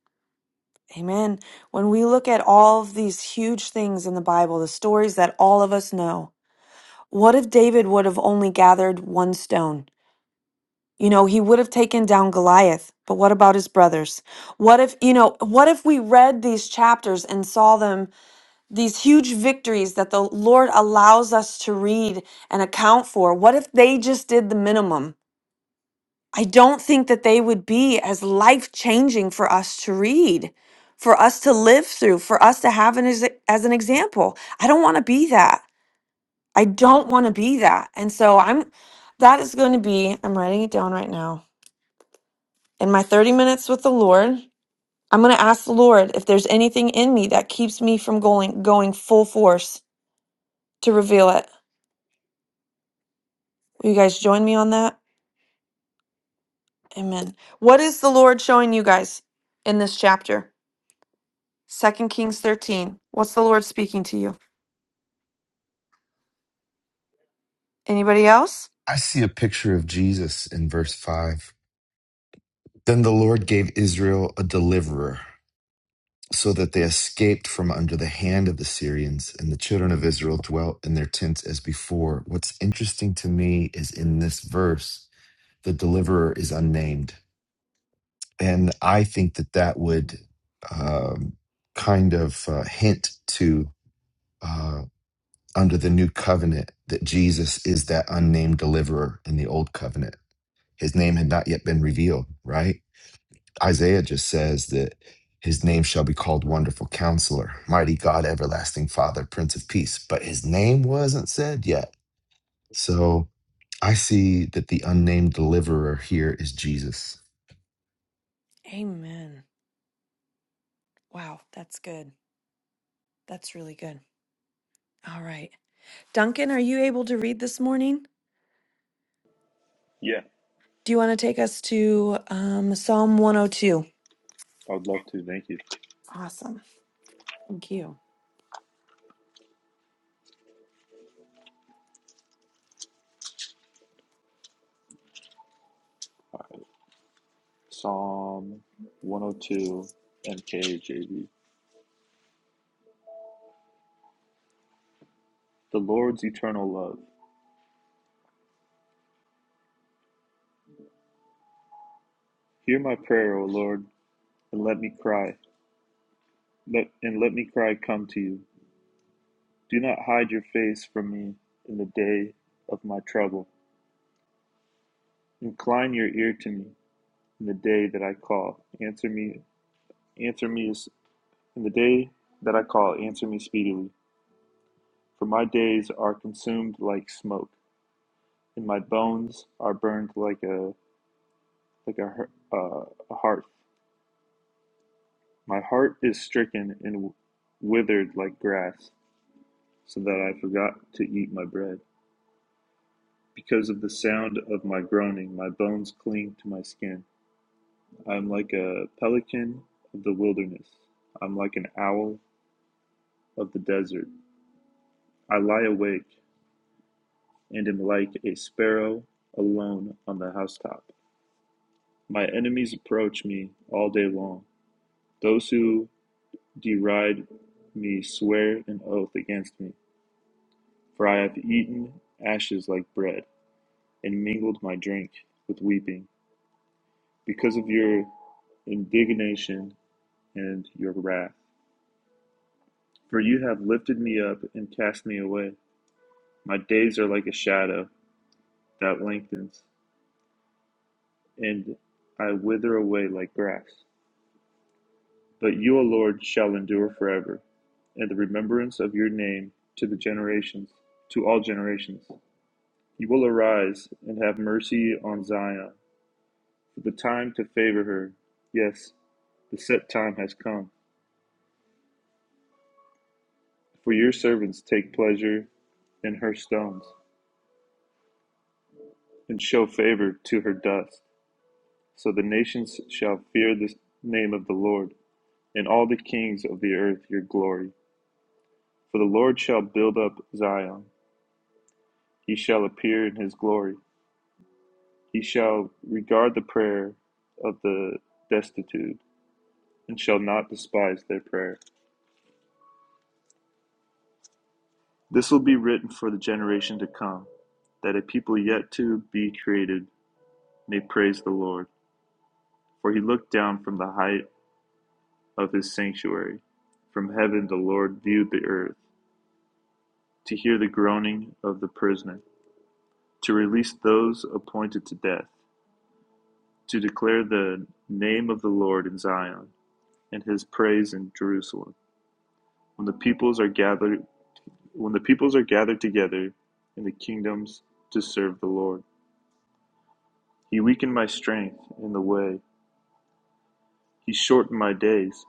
S1: Amen. When we look at all of these huge things in the Bible, the stories that all of us know, what if David would have only gathered one stone? You know, he would have taken down Goliath, but what about his brothers? What if, you know, what if we read these chapters and saw them, these huge victories that the Lord allows us to read and account for? What if they just did the minimum? I don't think that they would be as life changing for us to read, for us to live through, for us to have an, as, as an example. I don't want to be that. I don't want to be that. And so I'm, that is going to be, I'm writing it down right now. in my 30 minutes with the Lord, I'm going to ask the Lord if there's anything in me that keeps me from going going full force to reveal it. Will you guys join me on that? Amen. What is the Lord showing you guys in this chapter? Second Kings 13. What's the Lord speaking to you? Anybody else?
S2: I see a picture of Jesus in verse five. Then the Lord gave Israel a deliverer. so that they escaped from under the hand of the Syrians, and the children of Israel dwelt in their tents as before. What's interesting to me is in this verse, the deliverer is unnamed. And I think that that
S1: Mm.
S2: would um, kind of uh, hint to uh, under the new covenant that Jesus is that unnamed deliverer in the old covenant. His name had not yet been revealed, right? Isaiah just says that his name shall be called Wonderful Counselor, Mighty God, Everlasting Father, Prince of Peace, but his name wasn't said yet. So I see that the unnamed deliverer here is Jesus.
S1: Amen. Wow, that's good. That's really good. All right. Duncan, are you able to read this morning?
S13: Yeah,
S1: Do you want to take us to um, Psalm 102?
S13: I would love to. Thank you.
S1: Awesome. Thank you.
S13: All right. Psalm 102, MKJV. The Lord's eternal love. Hear my prayer, O Lord, and let me cry. Let and let me cry come to you. Do not hide your face from me in the day of my trouble. Incline your ear to me in the day that I call. Answer me, answer me in the day that I call. Answer me speedily, for my days are consumed like smoke, and my bones are burned like a like a, her- uh, a heart. My heart is stricken and withered like grass, so that I forgot to eat my bread. Because of the sound of my groaning, my bones cling to my skin. I am like a pelican of the wilderness. I'm like an owl of the desert. I lie awake and am like a sparrow alone on the housetop. My enemies approach me all day long. Those who deride me swear an oath against me. For I have eaten ashes like bread, and mingled my drink with weeping, because of your indignation and your wrath. For you have lifted me up and cast me away. My days are like a shadow that lengthens, and I wither away like grass. But you, O Lord, shall endure forever, and the remembrance of your name to the generations, to all generations. You will arise and have mercy on Zion for the time to favor her. Yes, the set time has come. For your servants take pleasure in her stones, and show favor to her dust. So the nations shall fear the name of the Lord, and all the kings of the earth your glory. For the Lord shall build up Zion, he shall appear in his glory. He shall regard the prayer of the destitute, and shall not despise their prayer. This will be written for the generation to come, that a people yet to be created may praise the Lord. For he looked down from the height of his sanctuary. From heaven the Lord viewed the earth, to hear the groaning of the prisoner, to release those appointed to death, to declare the name of the Lord in Zion, and his praise in Jerusalem. When the peoples are gathered when the peoples are gathered together in the kingdoms to serve the Lord. He weakened my strength in the way He shortened my days.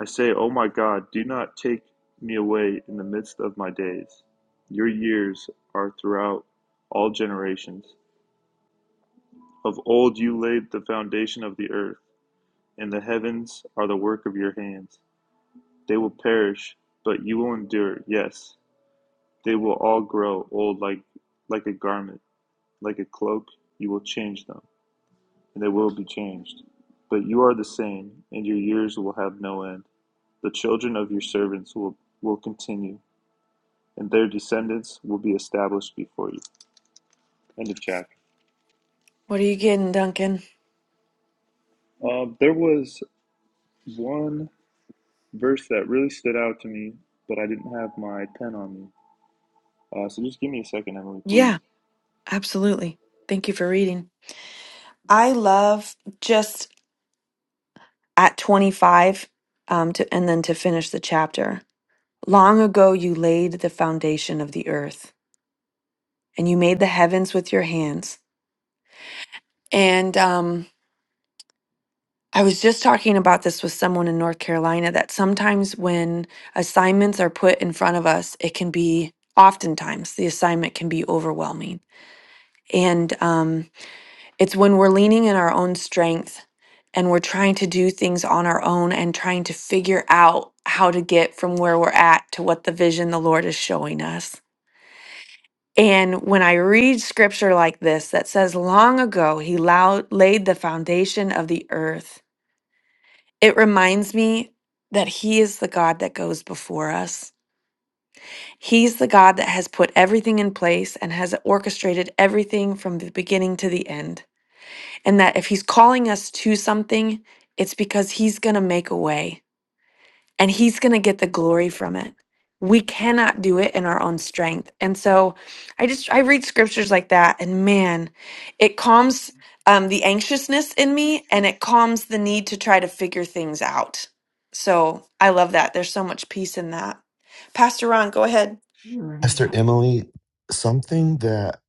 S13: I say, O my God, do not take me away in the midst of my days. Your years are throughout all generations. Of old you laid the foundation of the earth, and the heavens are the work of your hands. They will perish, but you will endure. Yes, they will all grow old like like a garment, like a cloak. You will change them, and they will be changed. But you are the same, and your years will have no end. The children of your servants will, will continue, and their descendants will be established before you. End of chapter.
S1: What are you getting, Duncan?
S13: Um, there was one verse that really stood out to me, but I didn't have my pen on me. Uh, so just give me a second, Emily, please.
S1: Yeah, absolutely. Thank you for reading. I love just at 25 um, to, and then to finish the chapter. Long ago, you laid the foundation of the earth and you made the heavens with your hands. And um, I was just talking about this with someone in North Carolina that sometimes when assignments are put in front of us, it can be oftentimes the assignment can be overwhelming. And um, It's when we're leaning in our own strength and we're trying to do things on our own and trying to figure out how to get from where we're at to what the vision the Lord is showing us. And when I read scripture like this that says, Long ago, he lou- laid the foundation of the earth, it reminds me that he is the God that goes before us. He's the God that has put everything in place and has orchestrated everything from the beginning to the end. and that if he's calling us to something, it's because he's going to make a way and he's going to get the glory from it. We cannot do it in our own strength. And so I just, I read scriptures like that and man, it calms um, the anxiousness in me and it calms the need to try to figure things out. So I love that. There's so much peace in that. Pastor Ron, go ahead.
S2: Esther Emily, something that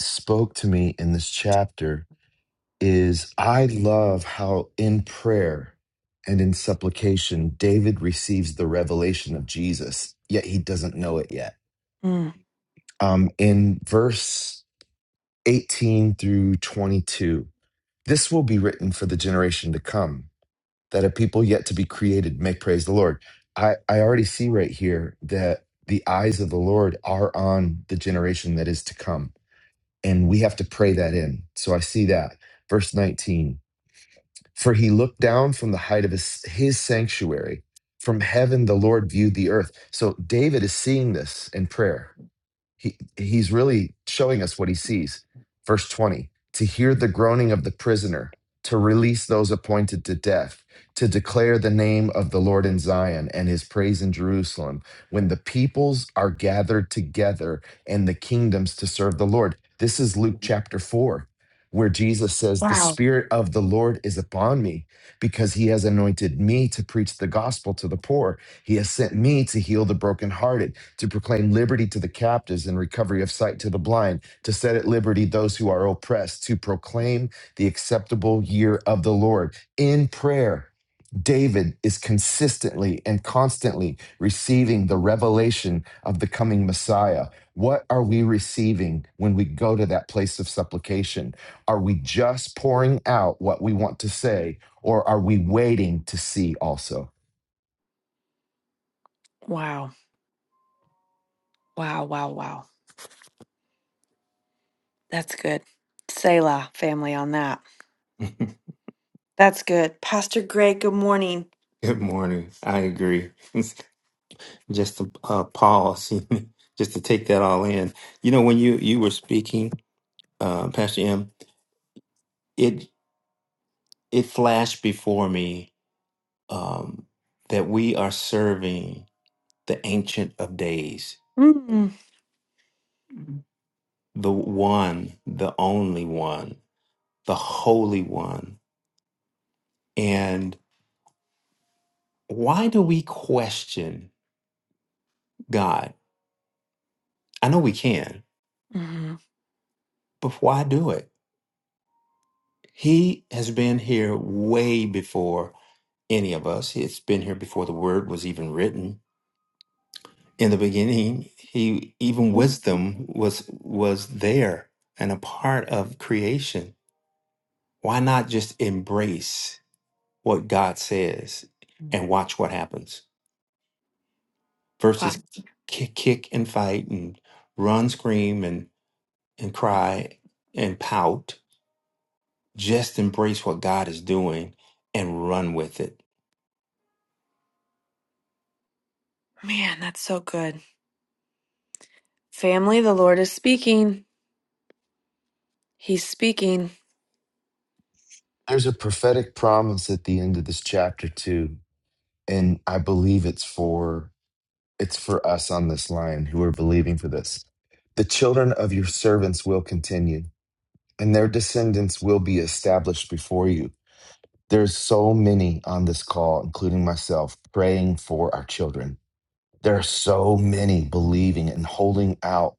S2: spoke to me in this chapter is I love how in prayer and in supplication, David receives the revelation of Jesus, yet he doesn't know it yet.
S1: Mm.
S2: Um, in verse 18 through 22. This will be written for the generation to come, that a people yet to be created may praise the Lord. I, I already see right here that the eyes of the Lord are on the generation that is to come, and we have to pray that in. So I see that. Verse 19 For he looked down from the height of his, his sanctuary. From heaven, the Lord viewed the earth. So David is seeing this in prayer he he's really showing us what he sees verse 20 to hear the groaning of the prisoner to release those appointed to death to declare the name of the lord in zion and his praise in jerusalem when the peoples are gathered together and the kingdoms to serve the lord this is luke chapter 4 where Jesus says, The Spirit of the Lord is upon me because he has anointed me to preach the gospel to the poor. He has sent me to heal the brokenhearted to proclaim liberty to the captives and recovery of sight to the blind, to set at liberty those who are oppressed, to proclaim the acceptable year of the Lord. In prayer, David is consistently and constantly receiving the revelation of the coming Messiah. What are we receiving when we go to that place of supplication? Are we just pouring out what we want to say, or are we waiting to see also?
S1: Wow. Wow. Wow. Wow. That's good. Selah family on that.
S14: [LAUGHS]
S1: That's good. Pastor Greg, good morning.
S14: Good morning. I agree. [LAUGHS] just to uh, pause, [LAUGHS] just to take that all in. You know, when you you were speaking, uh, Pastor M, it it flashed before me um, that we are serving the Ancient of Days,
S1: mm
S14: the One, the Only One, the Holy One. And why do we question God? I know we can,
S1: Mm-hmm.
S14: but why do it? He has been here way before any of us. It's been here before the word was even written. In the beginning, he even wisdom was was there and a part of creation. Why not just embrace what God says and watch what happens
S1: Wow,
S14: versus kick, kick and fight and run, scream and and cry and pout. Just embrace what God is doing and run with it.
S1: man, that's so good. Family, the Lord is speaking. He's speaking.
S2: There's a prophetic promise at the end of this chapter, too and I believe it's for it's for us on this line who are believing for this. The children of your servants will continue, and their descendants will be established before you. There's so many on this call, including myself, praying for our children. There are so many believing and holding out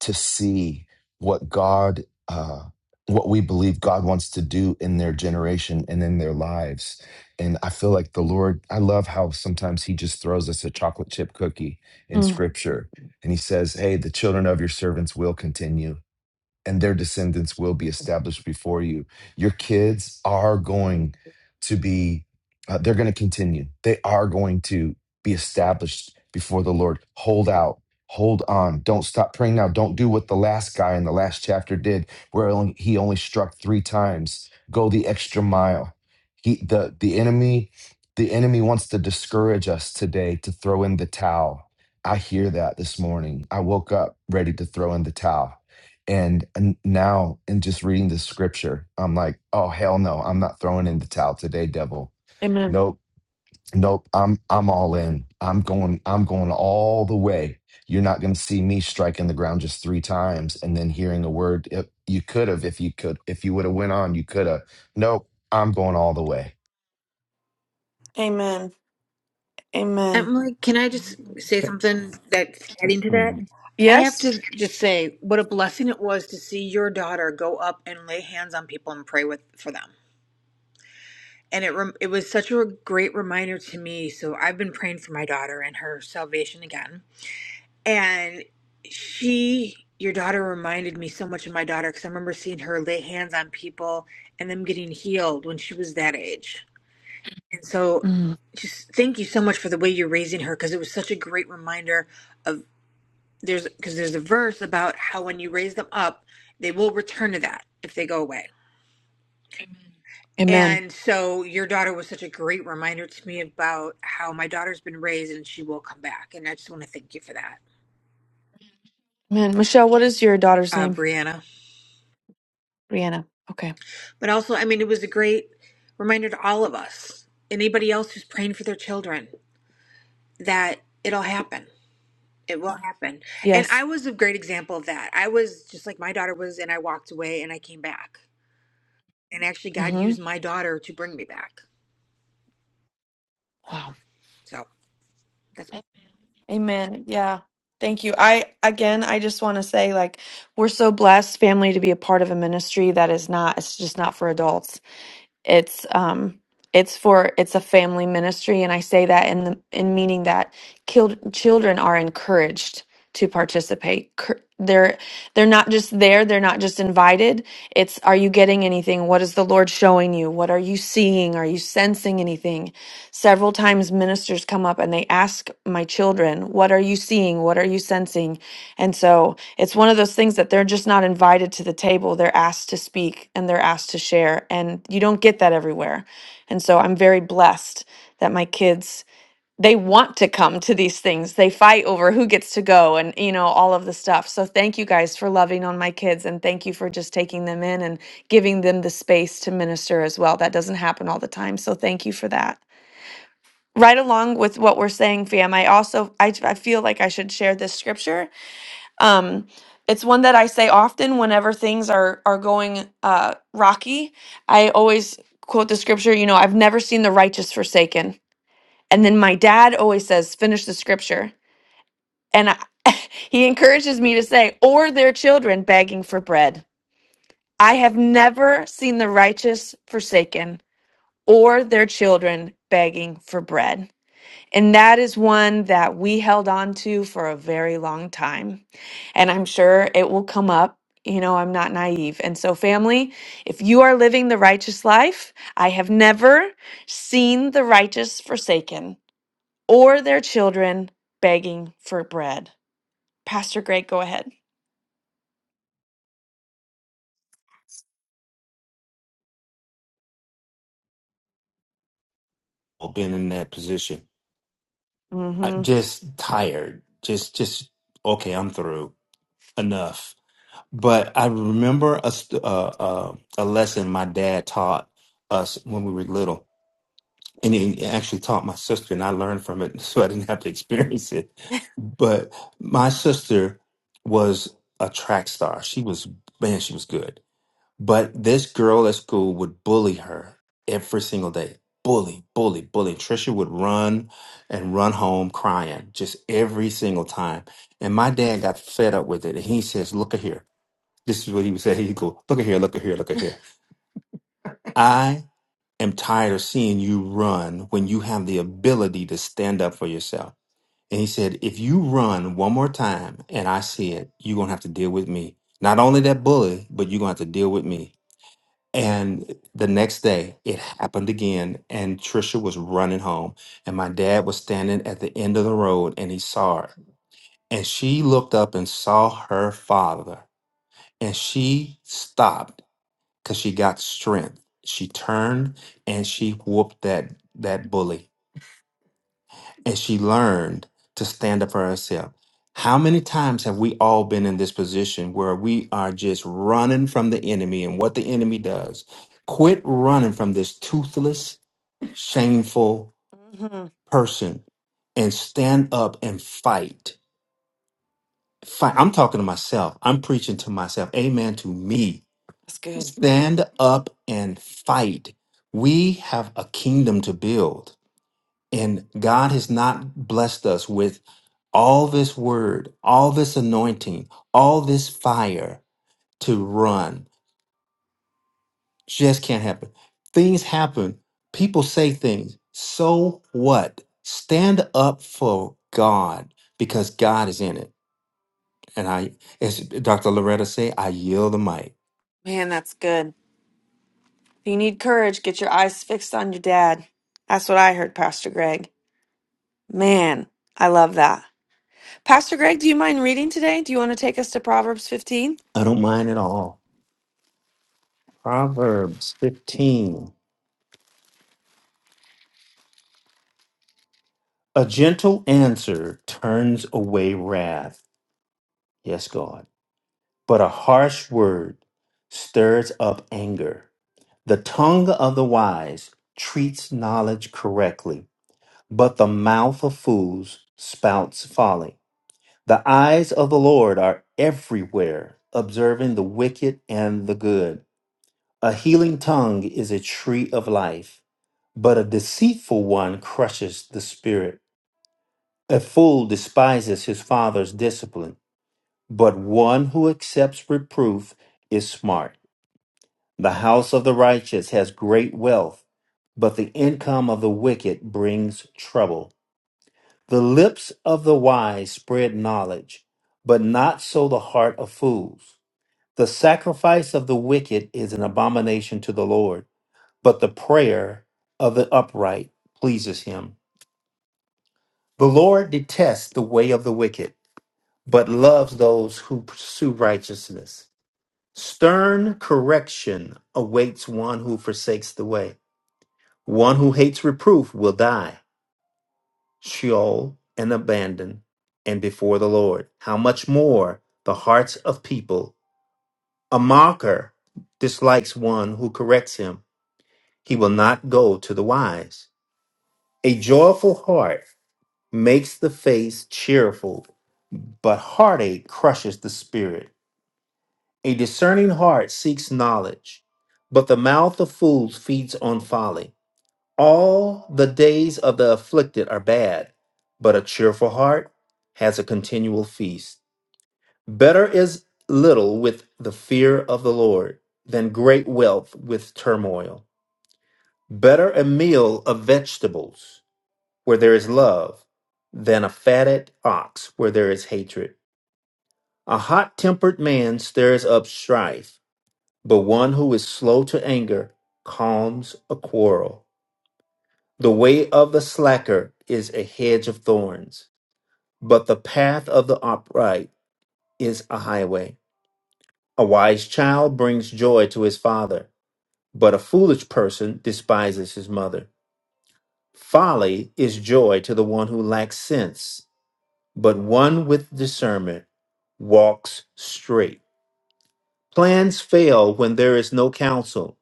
S2: to see what God, uh, what we believe God wants to do in their generation and in their lives. And I feel like the Lord, I love how sometimes He just throws us a chocolate chip cookie in
S1: Mm.
S2: scripture. And He says, Hey, the children of your servants will continue and their descendants will be established before you. Your kids are going to be, uh, they're going to continue. They are going to be established before the Lord. Hold out, hold on. Don't stop praying now. Don't do what the last guy in the last chapter did, where only, he only struck three times. Go the extra mile. He, the, the enemy, the enemy wants to discourage us today to throw in the towel. I hear that this morning. I woke up ready to throw in the towel and, and now, in just reading the scripture, I'm like, oh hell no, I'm not throwing in the towel today, devil.
S1: Amen.
S2: Nope, nope. I'm I'm all in. I'm going. I'm going all the way. You're not going to see me striking the ground just three times and then hearing a word. If you could have, if you could, if you would have went on, you could have. Nope, I'm going all the way.
S1: Amen. Amen.
S5: Emily, can I just say something that's adding to that? I have
S1: Yes?
S5: to just say what a blessing it was to see your daughter go up and lay hands on people and pray with for them. And it rem- it was such a great reminder to me. So I've been praying for my daughter and her salvation again. And she, your daughter, reminded me so much of my daughter because I remember seeing her lay hands on people and them getting healed when she was that age. And so,
S1: Mm,
S5: just thank you so much for the way you're raising her because it was such a great reminder there's because there's a verse about how when you raise them up, they will return to that if they go away.
S1: amen.
S5: And so your daughter was such a great reminder to me about how my daughter's been raised and she will come back. And I just want to thank you for that,
S1: Amen. Michelle, what is your daughter's
S5: uh,
S1: name?
S5: Brianna.
S1: Rihanna. Okay.
S5: But also, I mean, it was a great reminder to all of us, anybody else who's praying for their children, that it'll happen. It will happen. And I
S1: Yes.
S5: was a great example of that. I was just like my daughter was, and I walked away and I came back. And actually, God
S1: Mm-hmm.
S5: used my daughter to bring me back.
S1: Wow.
S5: So. That's
S1: Amen. Yeah. Thank you. I again I just want to say like we're so blessed family to be a part of a ministry that is not it's just not for adults. it's um it's for it's a family ministry and i say that in the in meaning that killed, children are encouraged to participate Cur- they're they're not just there they're not just invited it's are you getting anything what is the lord showing you what are you seeing are you sensing anything several times ministers come up and they ask my children what are you seeing what are you sensing and so it's one of those things that they're just not invited to the table. They're asked to speak and they're asked to share. And you don't get that everywhere. And so I'm very blessed that my kids, they want to come to these things. They fight over who gets to go and, you know, all of the stuff. So thank you guys for loving on my kids and thank you for just taking them in and giving them the space to minister as well. That doesn't happen all the time. So thank you for that. Right along with what we're saying, fam, I also I, I feel like I should share this scripture um, it's one that I say often whenever things are are going uh, rocky. I always quote the scripture. You know, I've never seen the righteous forsaken. And then my dad always says, "Finish the scripture," and I, he encourages me to say, "Or their children begging for bread." I have never seen the righteous forsaken or their children begging for bread. And that is one that we held on to for a very long time. And I'm sure it will come up. You know, I'm not naive. And so, family, if you are living the righteous life, I have never seen the righteous forsaken or their children begging for bread. Pastor Greg, go ahead.
S14: I've been in that position
S1: Mm
S14: I-
S1: hmm.
S14: just tired just just okay i'm through enough but i remember a st- uh, uh, a lesson my dad taught us when we were little and he actually taught my sister and i learned from it [LAUGHS] so i didn't have to experience it but my sister was a track star she was man she was good but this girl at school would bully her every single day. Bully, bully, bully. Trisha would run and run home crying just every single time. And my dad got fed up with it. And he says, Look at here. This is what he would say. He'd go, Look at here, look at here, look at here. I am tired of seeing you run when you have the ability to stand up for yourself. And he said, If you run one more time and I see it, you're going to have to deal with me. Not only that bully, but you're going to have to deal with me. And the next day, it happened again, and Trisha was running home, and my dad was standing at the end of the road, and he saw her. And she looked up and saw her father, and she stopped because she got strength. She turned and she whooped that that bully and she learned to stand up for herself. How many times have we all been in this position where we are just running from the enemy and what the enemy does? Quit running from this toothless, shameful
S1: Mm hmm.
S14: person and stand up and fight. Fight. I'm talking to myself. I'm preaching to myself. Amen to me.
S1: That's good.
S14: Stand up and fight. We have a kingdom to build And God has not blessed us with all this word, all this anointing, all this fire to run. Just can't happen. Things happen. People say things. So what? Stand up for God because God is in it. And I, as Dr. Loretta say, I yield the mic.
S1: Man, that's good. If you need courage, get your eyes fixed on your dad. That's what I heard, Pastor Greg. Man, I love that. Pastor Greg, do you mind reading today? Do you want to take us to Proverbs 15?
S14: I don't mind at all. Proverbs 15. A gentle answer turns away wrath. Yes, God. but a harsh word stirs up anger. The tongue of the wise treats knowledge correctly, but the mouth of fools spouts folly. The eyes of the Lord are everywhere, observing the wicked and the good. A healing tongue is a tree of life, but a deceitful one crushes the spirit. A fool despises his father's discipline, but one who accepts reproof is smart. The house of the righteous has great wealth, but the income of the wicked brings trouble. The lips of the wise spread knowledge, but not so the heart of fools. The sacrifice of the wicked is an abomination to the Lord, but the prayer of the upright pleases him. The Lord detests the way of the wicked, but loves those who pursue righteousness. Stern correction awaits one who forsakes the way One who hates reproof will die, Sheol and abandon, and before the Lord. How much more the hearts of people? A mocker dislikes one who corrects him. He will not go to the wise. A joyful heart makes the face cheerful, but heartache crushes the spirit. A discerning heart seeks knowledge, but the mouth of fools feeds on folly. All the days of the afflicted are bad, but a cheerful heart has a continual feast. Better is little with the fear of the Lord than great wealth with turmoil. Better a meal of vegetables where there is love than a fatted ox where there is hatred. A hot tempered man stirs up strife, but one who is slow to anger calms a quarrel. The way of the slacker is a hedge of thorns, but the path of the upright is a highway. A wise child brings joy to his father, but a foolish person despises his mother. Folly is joy to the one who lacks sense, but one with discernment walks straight. Plans fail when there is no counsel,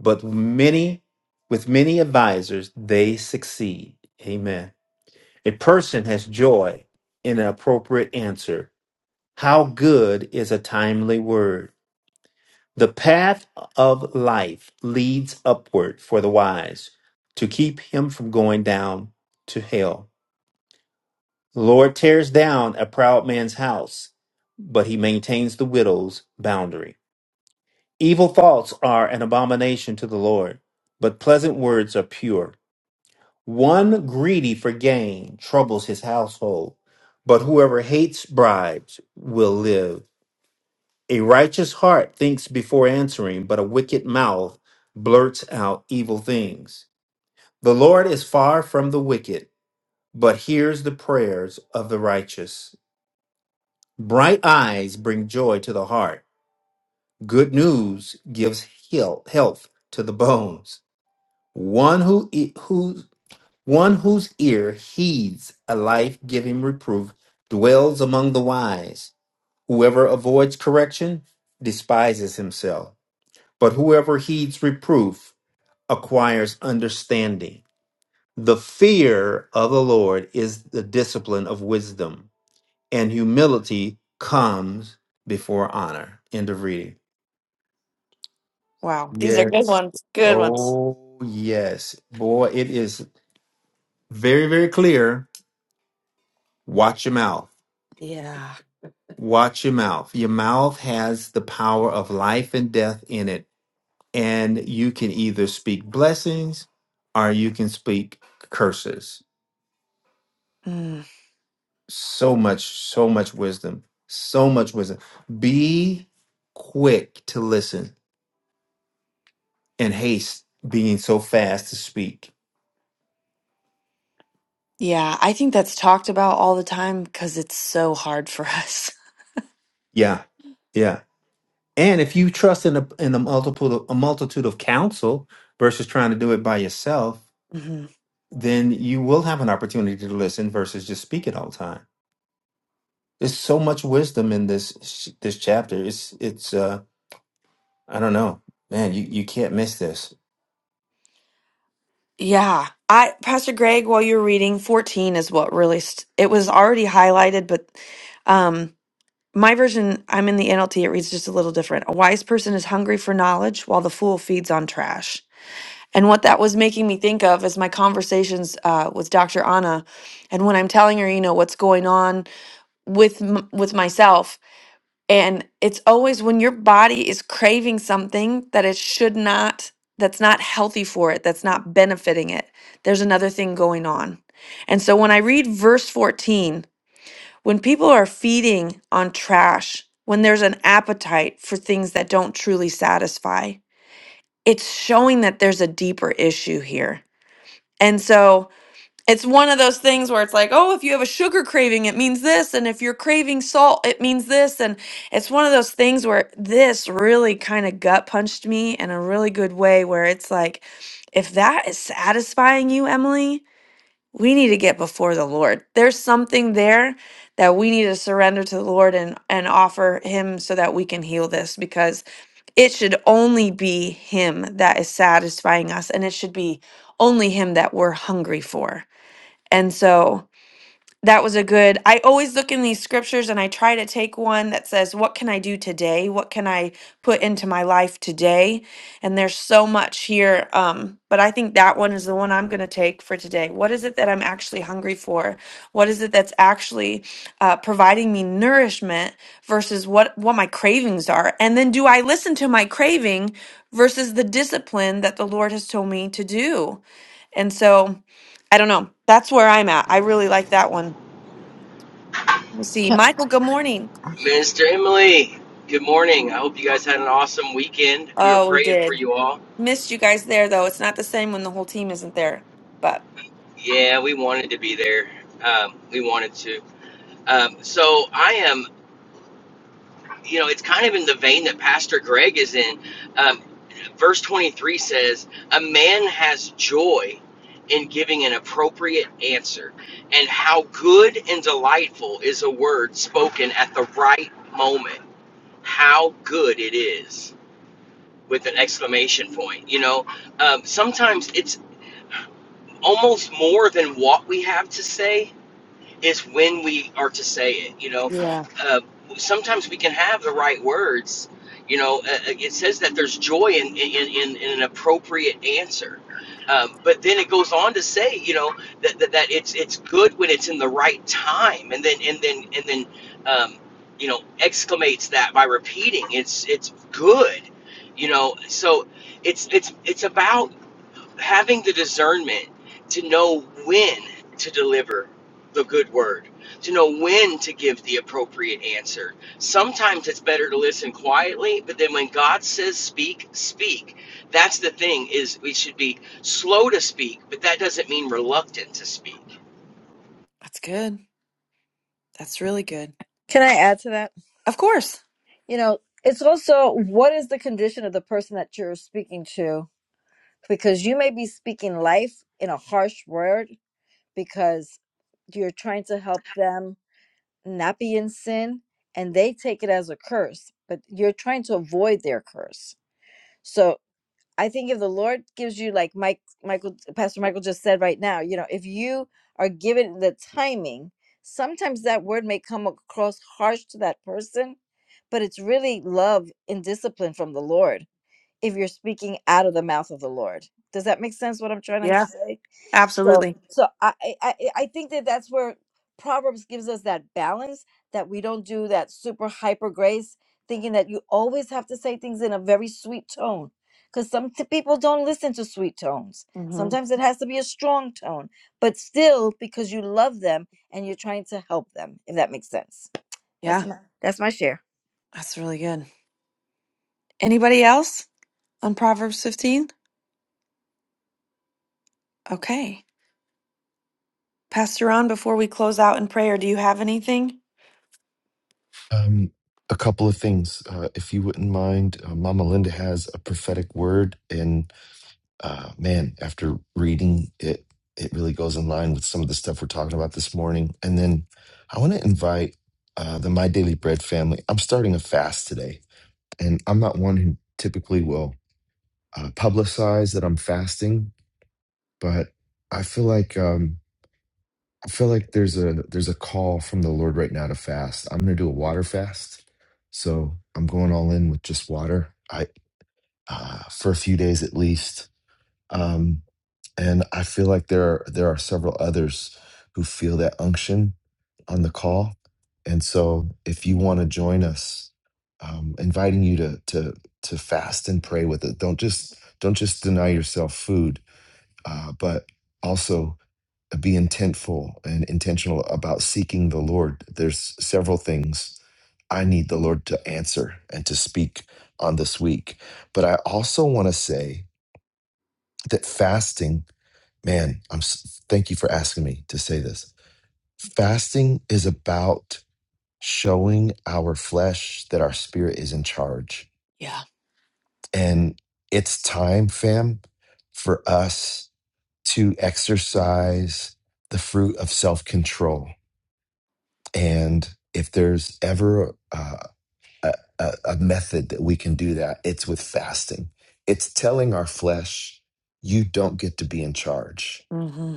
S14: but many with many advisers they succeed. Amen. A person has joy in an appropriate answer. How good is a timely word? The path of life leads upward for the wise to keep him from going down to hell. The Lord tears down a proud man's house, but he maintains the widow's boundary. Evil thoughts are an abomination to the Lord, but pleasant words are pure. One greedy for gain troubles his household, but whoever hates bribes will live. A righteous heart thinks before answering, but a wicked mouth blurts out evil things. The Lord is far from the wicked, but hears the prayers of the righteous. Bright eyes bring joy to the heart. Good news gives heal- health to the bones. One who, e- who One whose ear heeds a life giving reproof dwells among the wise. Whoever avoids correction despises himself, but whoever heeds reproof acquires understanding. The fear of the Lord is the discipline of wisdom, and humility comes before honor. End of reading.
S1: Wow, these are good
S14: Yes.
S1: ones. Good ones.
S14: Oh, yes. Boy, it is very, very clear. Watch your mouth
S1: Yeah.
S14: Watch your mouth. Your mouth has the power of life and death in it. And you can either speak blessings or you can speak curses.
S1: Mm.
S14: So much, so much wisdom. So much wisdom. Be quick to listen and haste being so fast to speak.
S1: Yeah, I think that's talked about all the time because it's so hard for us.
S14: Yeah. Yeah. And if you trust in a in a multiple a multitude of counsel versus trying to do it by yourself,
S1: [LAUGHS] hmm
S14: then you will have an opportunity to listen versus just speak it all the time There's so much wisdom in this sh- this chapter. It's it's uh I don't know, man. You you can't miss this.
S1: Yeah. I Pastor Greg, while you're reading, 14 is what really st- it was already highlighted, but um My version, I'm in the NLT, it reads just a little different. A wise person is hungry for knowledge while the fool feeds on trash. And what that was making me think of is my conversations uh, with Dr. Anna, and when I'm telling her, you know, what's going on with m- with myself, and it's always when your body is craving something that it should not, that's not healthy for it, that's not benefiting it. There's another thing going on. And so when I read verse 14, when people are feeding on trash, when there's an appetite for things that don't truly satisfy, it's showing that there's a deeper issue here. And so it's one of those things where it's like, oh, if you have a sugar craving, it means this. And if you're craving salt, it means this. And it's one of those things where this really kind of gut punched me in a really good way where it's like, if that is satisfying you, Emily, we need to get before the Lord. There's something there that we need to surrender to the Lord and and offer him so that we can heal this because it should only be him that is satisfying us and it should be only him that we're hungry for. And so that was a good i always look in these scriptures and i try to take one that says what can i do today what can i put into my life today and there's so much here um, but i think that one is the one i'm going to take for today what is it that i'm actually hungry for what is it that's actually uh, providing me nourishment versus what what my cravings are and then do i listen to my craving versus the discipline that the lord has told me to do and so i don't know that's where i'm at i really like that one Let's see.
S8: Can,
S1: Michael, good morning.
S15: Minister Emily, good morning. I hope you guys had an awesome weekend. We were
S1: Oh, we
S15: praying for
S1: did.
S15: you all.
S1: Missed you guys there, though. It's not the same when the whole team isn't there. But
S15: Yeah, we wanted to be there. Um, we wanted to. Um, so I am, you know, it's kind of in the vein that Pastor Greg is in. Um, verse 23 says, A man has joy in giving an appropriate answer, and how good and delightful is a word spoken at the right moment. How good it is with an exclamation point. You know, um, sometimes it's almost more than what we have to say it's when we are to say it. You know,
S1: Yeah.
S15: uh, sometimes we can have the right words. You know, uh, uh, it says that there's joy in in, in, in an appropriate answer. Um, but then it goes on to say, you know, that, that, that it's it's good when it's in the right time, and then and then and then, um, you know, exclamates that by repeating, it's it's good, you know. So it's it's it's about having the discernment to know when to deliver the good word, to know when to give the appropriate answer. Sometimes it's better to listen quietly, but then when God says speak, speak. That's the thing is we should be slow to speak, but that doesn't mean reluctant to speak.
S1: that's good. That's really good.
S8: can I add to that?
S1: Of course.
S8: You know, it's also what is the condition of the person that you're speaking to? Because you may be speaking life in a harsh word because you're trying to help them not be in sin and they take it as a curse, but you're trying to avoid their curse. So I think if the Lord gives you, like Mike, Michael, Pastor Michael just said right now, you know, if you are given the timing, sometimes that word may come across harsh to that person, but it's really love and discipline from the Lord if you're speaking out of the mouth of the Lord. Does that make sense what I'm trying to
S1: Yeah.
S8: say? So,
S1: Absolutely.
S8: so I, I, I I think that that's where Proverbs gives us that balance that we don't do that super hyper grace, thinking that you always have to say things in a very sweet tone, because some t- people don't listen to sweet tones.
S1: hmm
S8: Sometimes it has to be a strong tone, but still because you love them and you're trying to help them. If that makes sense, that's
S1: Yeah,
S8: my Yeah. that's my share.
S1: that's really good. Anybody else on Proverbs 15? Okay. Pastor on before we close out in prayer, do you have anything?
S2: Um, a couple of things, uh, if you wouldn't mind. Uh, Mama Linda has a prophetic word, and uh, man, after reading it, it really goes in line with some of the stuff we're talking about this morning. And then I want to invite uh, the My Daily Bread family. I'm starting a fast today, and I'm not one who typically will uh, publicize that I'm fasting, but I feel like um, I feel like there's a there's a call from the Lord right now to fast. I'm going to do a water fast, so I'm going all in with just water. I uh, for a few days at least. Um, And I feel like there are, there are several others who feel that unction on the call. And so if you want to join us, um, inviting you to to to fast and pray with it. Don't just don't just deny yourself food, uh, but also be intentful and intentional about seeking the Lord. There's several things I need the Lord to answer and to speak on this week. But I also want to say that fasting Man, I'm s- thank you for asking me to say this. Fasting is about showing our flesh that our spirit is in charge.
S1: Yeah.
S2: And it's time, fam, for us to exercise the fruit of self-control. And if there's ever uh, a, a, a method that we can do that, it's with fasting. It's telling our flesh, you don't get to be in charge.
S1: hmm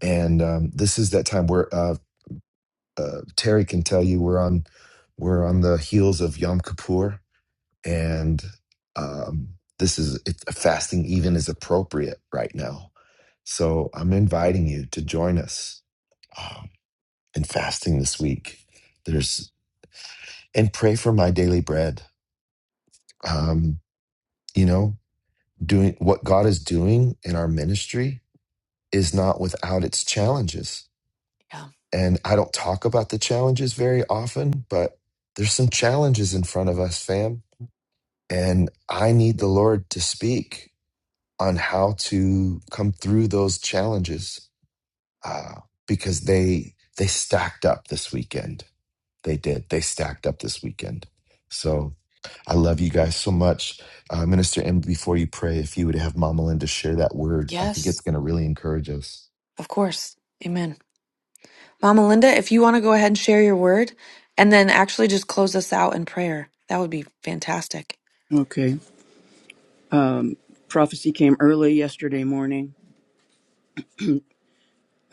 S2: And um, this is that time where uh, uh, Terry can tell you we're on we're on the heels of Yom Kippur, and um, this is it, fasting even is appropriate right now. So I'm inviting you to join us um, in fasting this week. There's and pray for my daily bread. Um, you know, doing what God is doing in our ministry is not without its challenges.
S1: Yeah.
S2: And I don't talk about the challenges very often, but there's some challenges in front of us, fam And I need the Lord to speak on how to come through those challenges uh, because they they stacked up this weekend. They did. They stacked up this weekend. So I love you guys so much, uh, Minister M. Before you pray, if you would have Mama Linda share that word, I think it's
S1: Yes.
S2: going to really encourage us.
S1: Of course. Amen. Mama Linda, if you want to go ahead and share your word and then actually just close us out in prayer, that would be fantastic.
S16: Okay. Um, prophecy came early yesterday morning.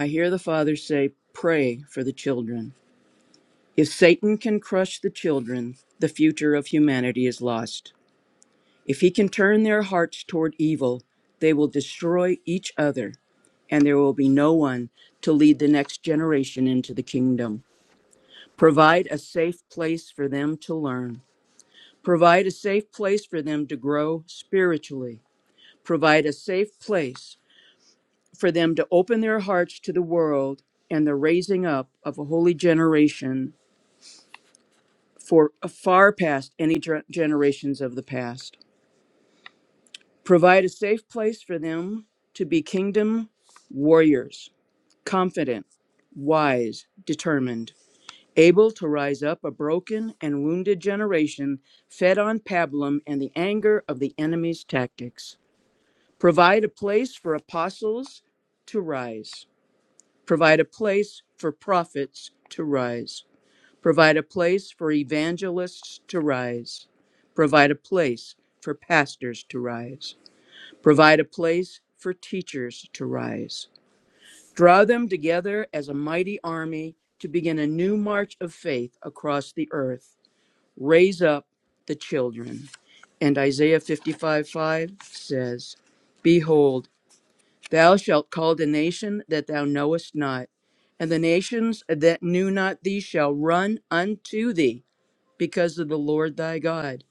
S16: I hear the father say, Pray for the children. If Satan can crush the children, the future of humanity is lost. If he can turn their hearts toward evil, they will destroy each other, and there will be no one to lead the next generation into the kingdom. Provide a safe place for them to learn. Provide a safe place for them to grow spiritually. Provide a safe place for them to open their hearts to the world and the raising up of a holy generation for uh, far past any ger- generations of the past. Provide a safe place for them to be kingdom warriors, confident, wise, determined, able to rise up a broken and wounded generation fed on pablum and the anger of the enemy's tactics. Provide a place for apostles to rise provide a place for prophets to rise, provide a place for evangelists to rise, provide a place for pastors to rise, provide a place for teachers to rise. Draw them together as a mighty army to begin a new march of faith across the earth. Raise up the children. And Isaiah 55 5 says, Behold, Thou shalt call the nation that thou knowest not, and the nations that knew not thee shall run unto thee because of the Lord thy God,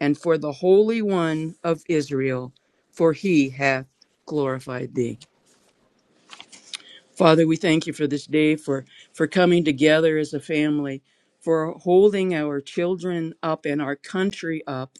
S16: and for the Holy One of Israel, for he hath glorified thee. Father, we thank you for this day, for, for coming together as a family, for holding our children up and our country up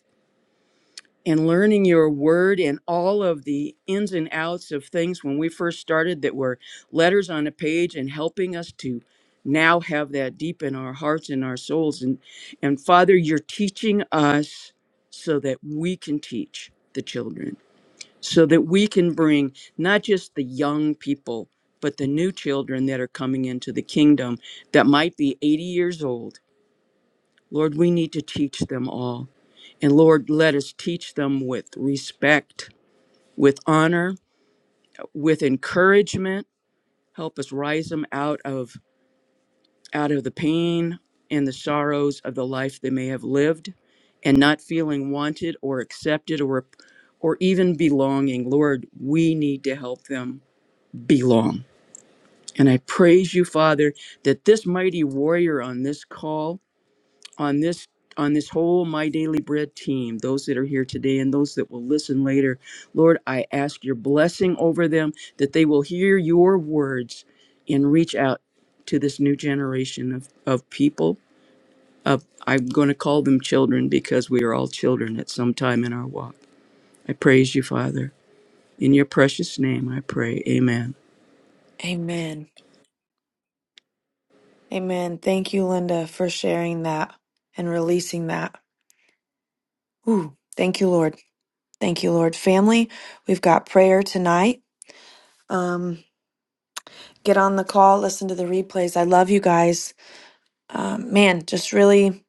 S16: and learning your word and all of the ins and outs of things when we first started that were letters on a page and helping us to now have that deep in our hearts and our souls and and father you're teaching us so that we can teach the children so that we can bring not just the young people but the new children that are coming into the kingdom that might be 80 years old lord we need to teach them all and Lord, let us teach them with respect, with honor, with encouragement. Help us rise them out of out of the pain and the sorrows of the life they may have lived and not feeling wanted or accepted or or even belonging. Lord, we need to help them belong. And I praise you, Father, that this mighty warrior on this call on this on this whole my daily bread team those that are here today and those that will listen later lord i ask your blessing over them that they will hear your words and reach out to this new generation of, of people of i'm going to call them children because we are all children at some time in our walk i praise you father in your precious name i pray amen
S1: Amen. Amen. Thank you, Linda, for sharing that and releasing that. Ooh, thank you, Lord. Thank you, Lord. Family, we've got prayer tonight. Um, get on the call, listen to the replays. I love you guys. Um, man, just really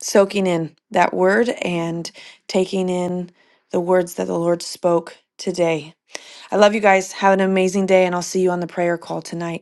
S1: soaking in that word and taking in the words that the Lord spoke today. I love you guys. Have an amazing day, and I'll see you on the prayer call tonight.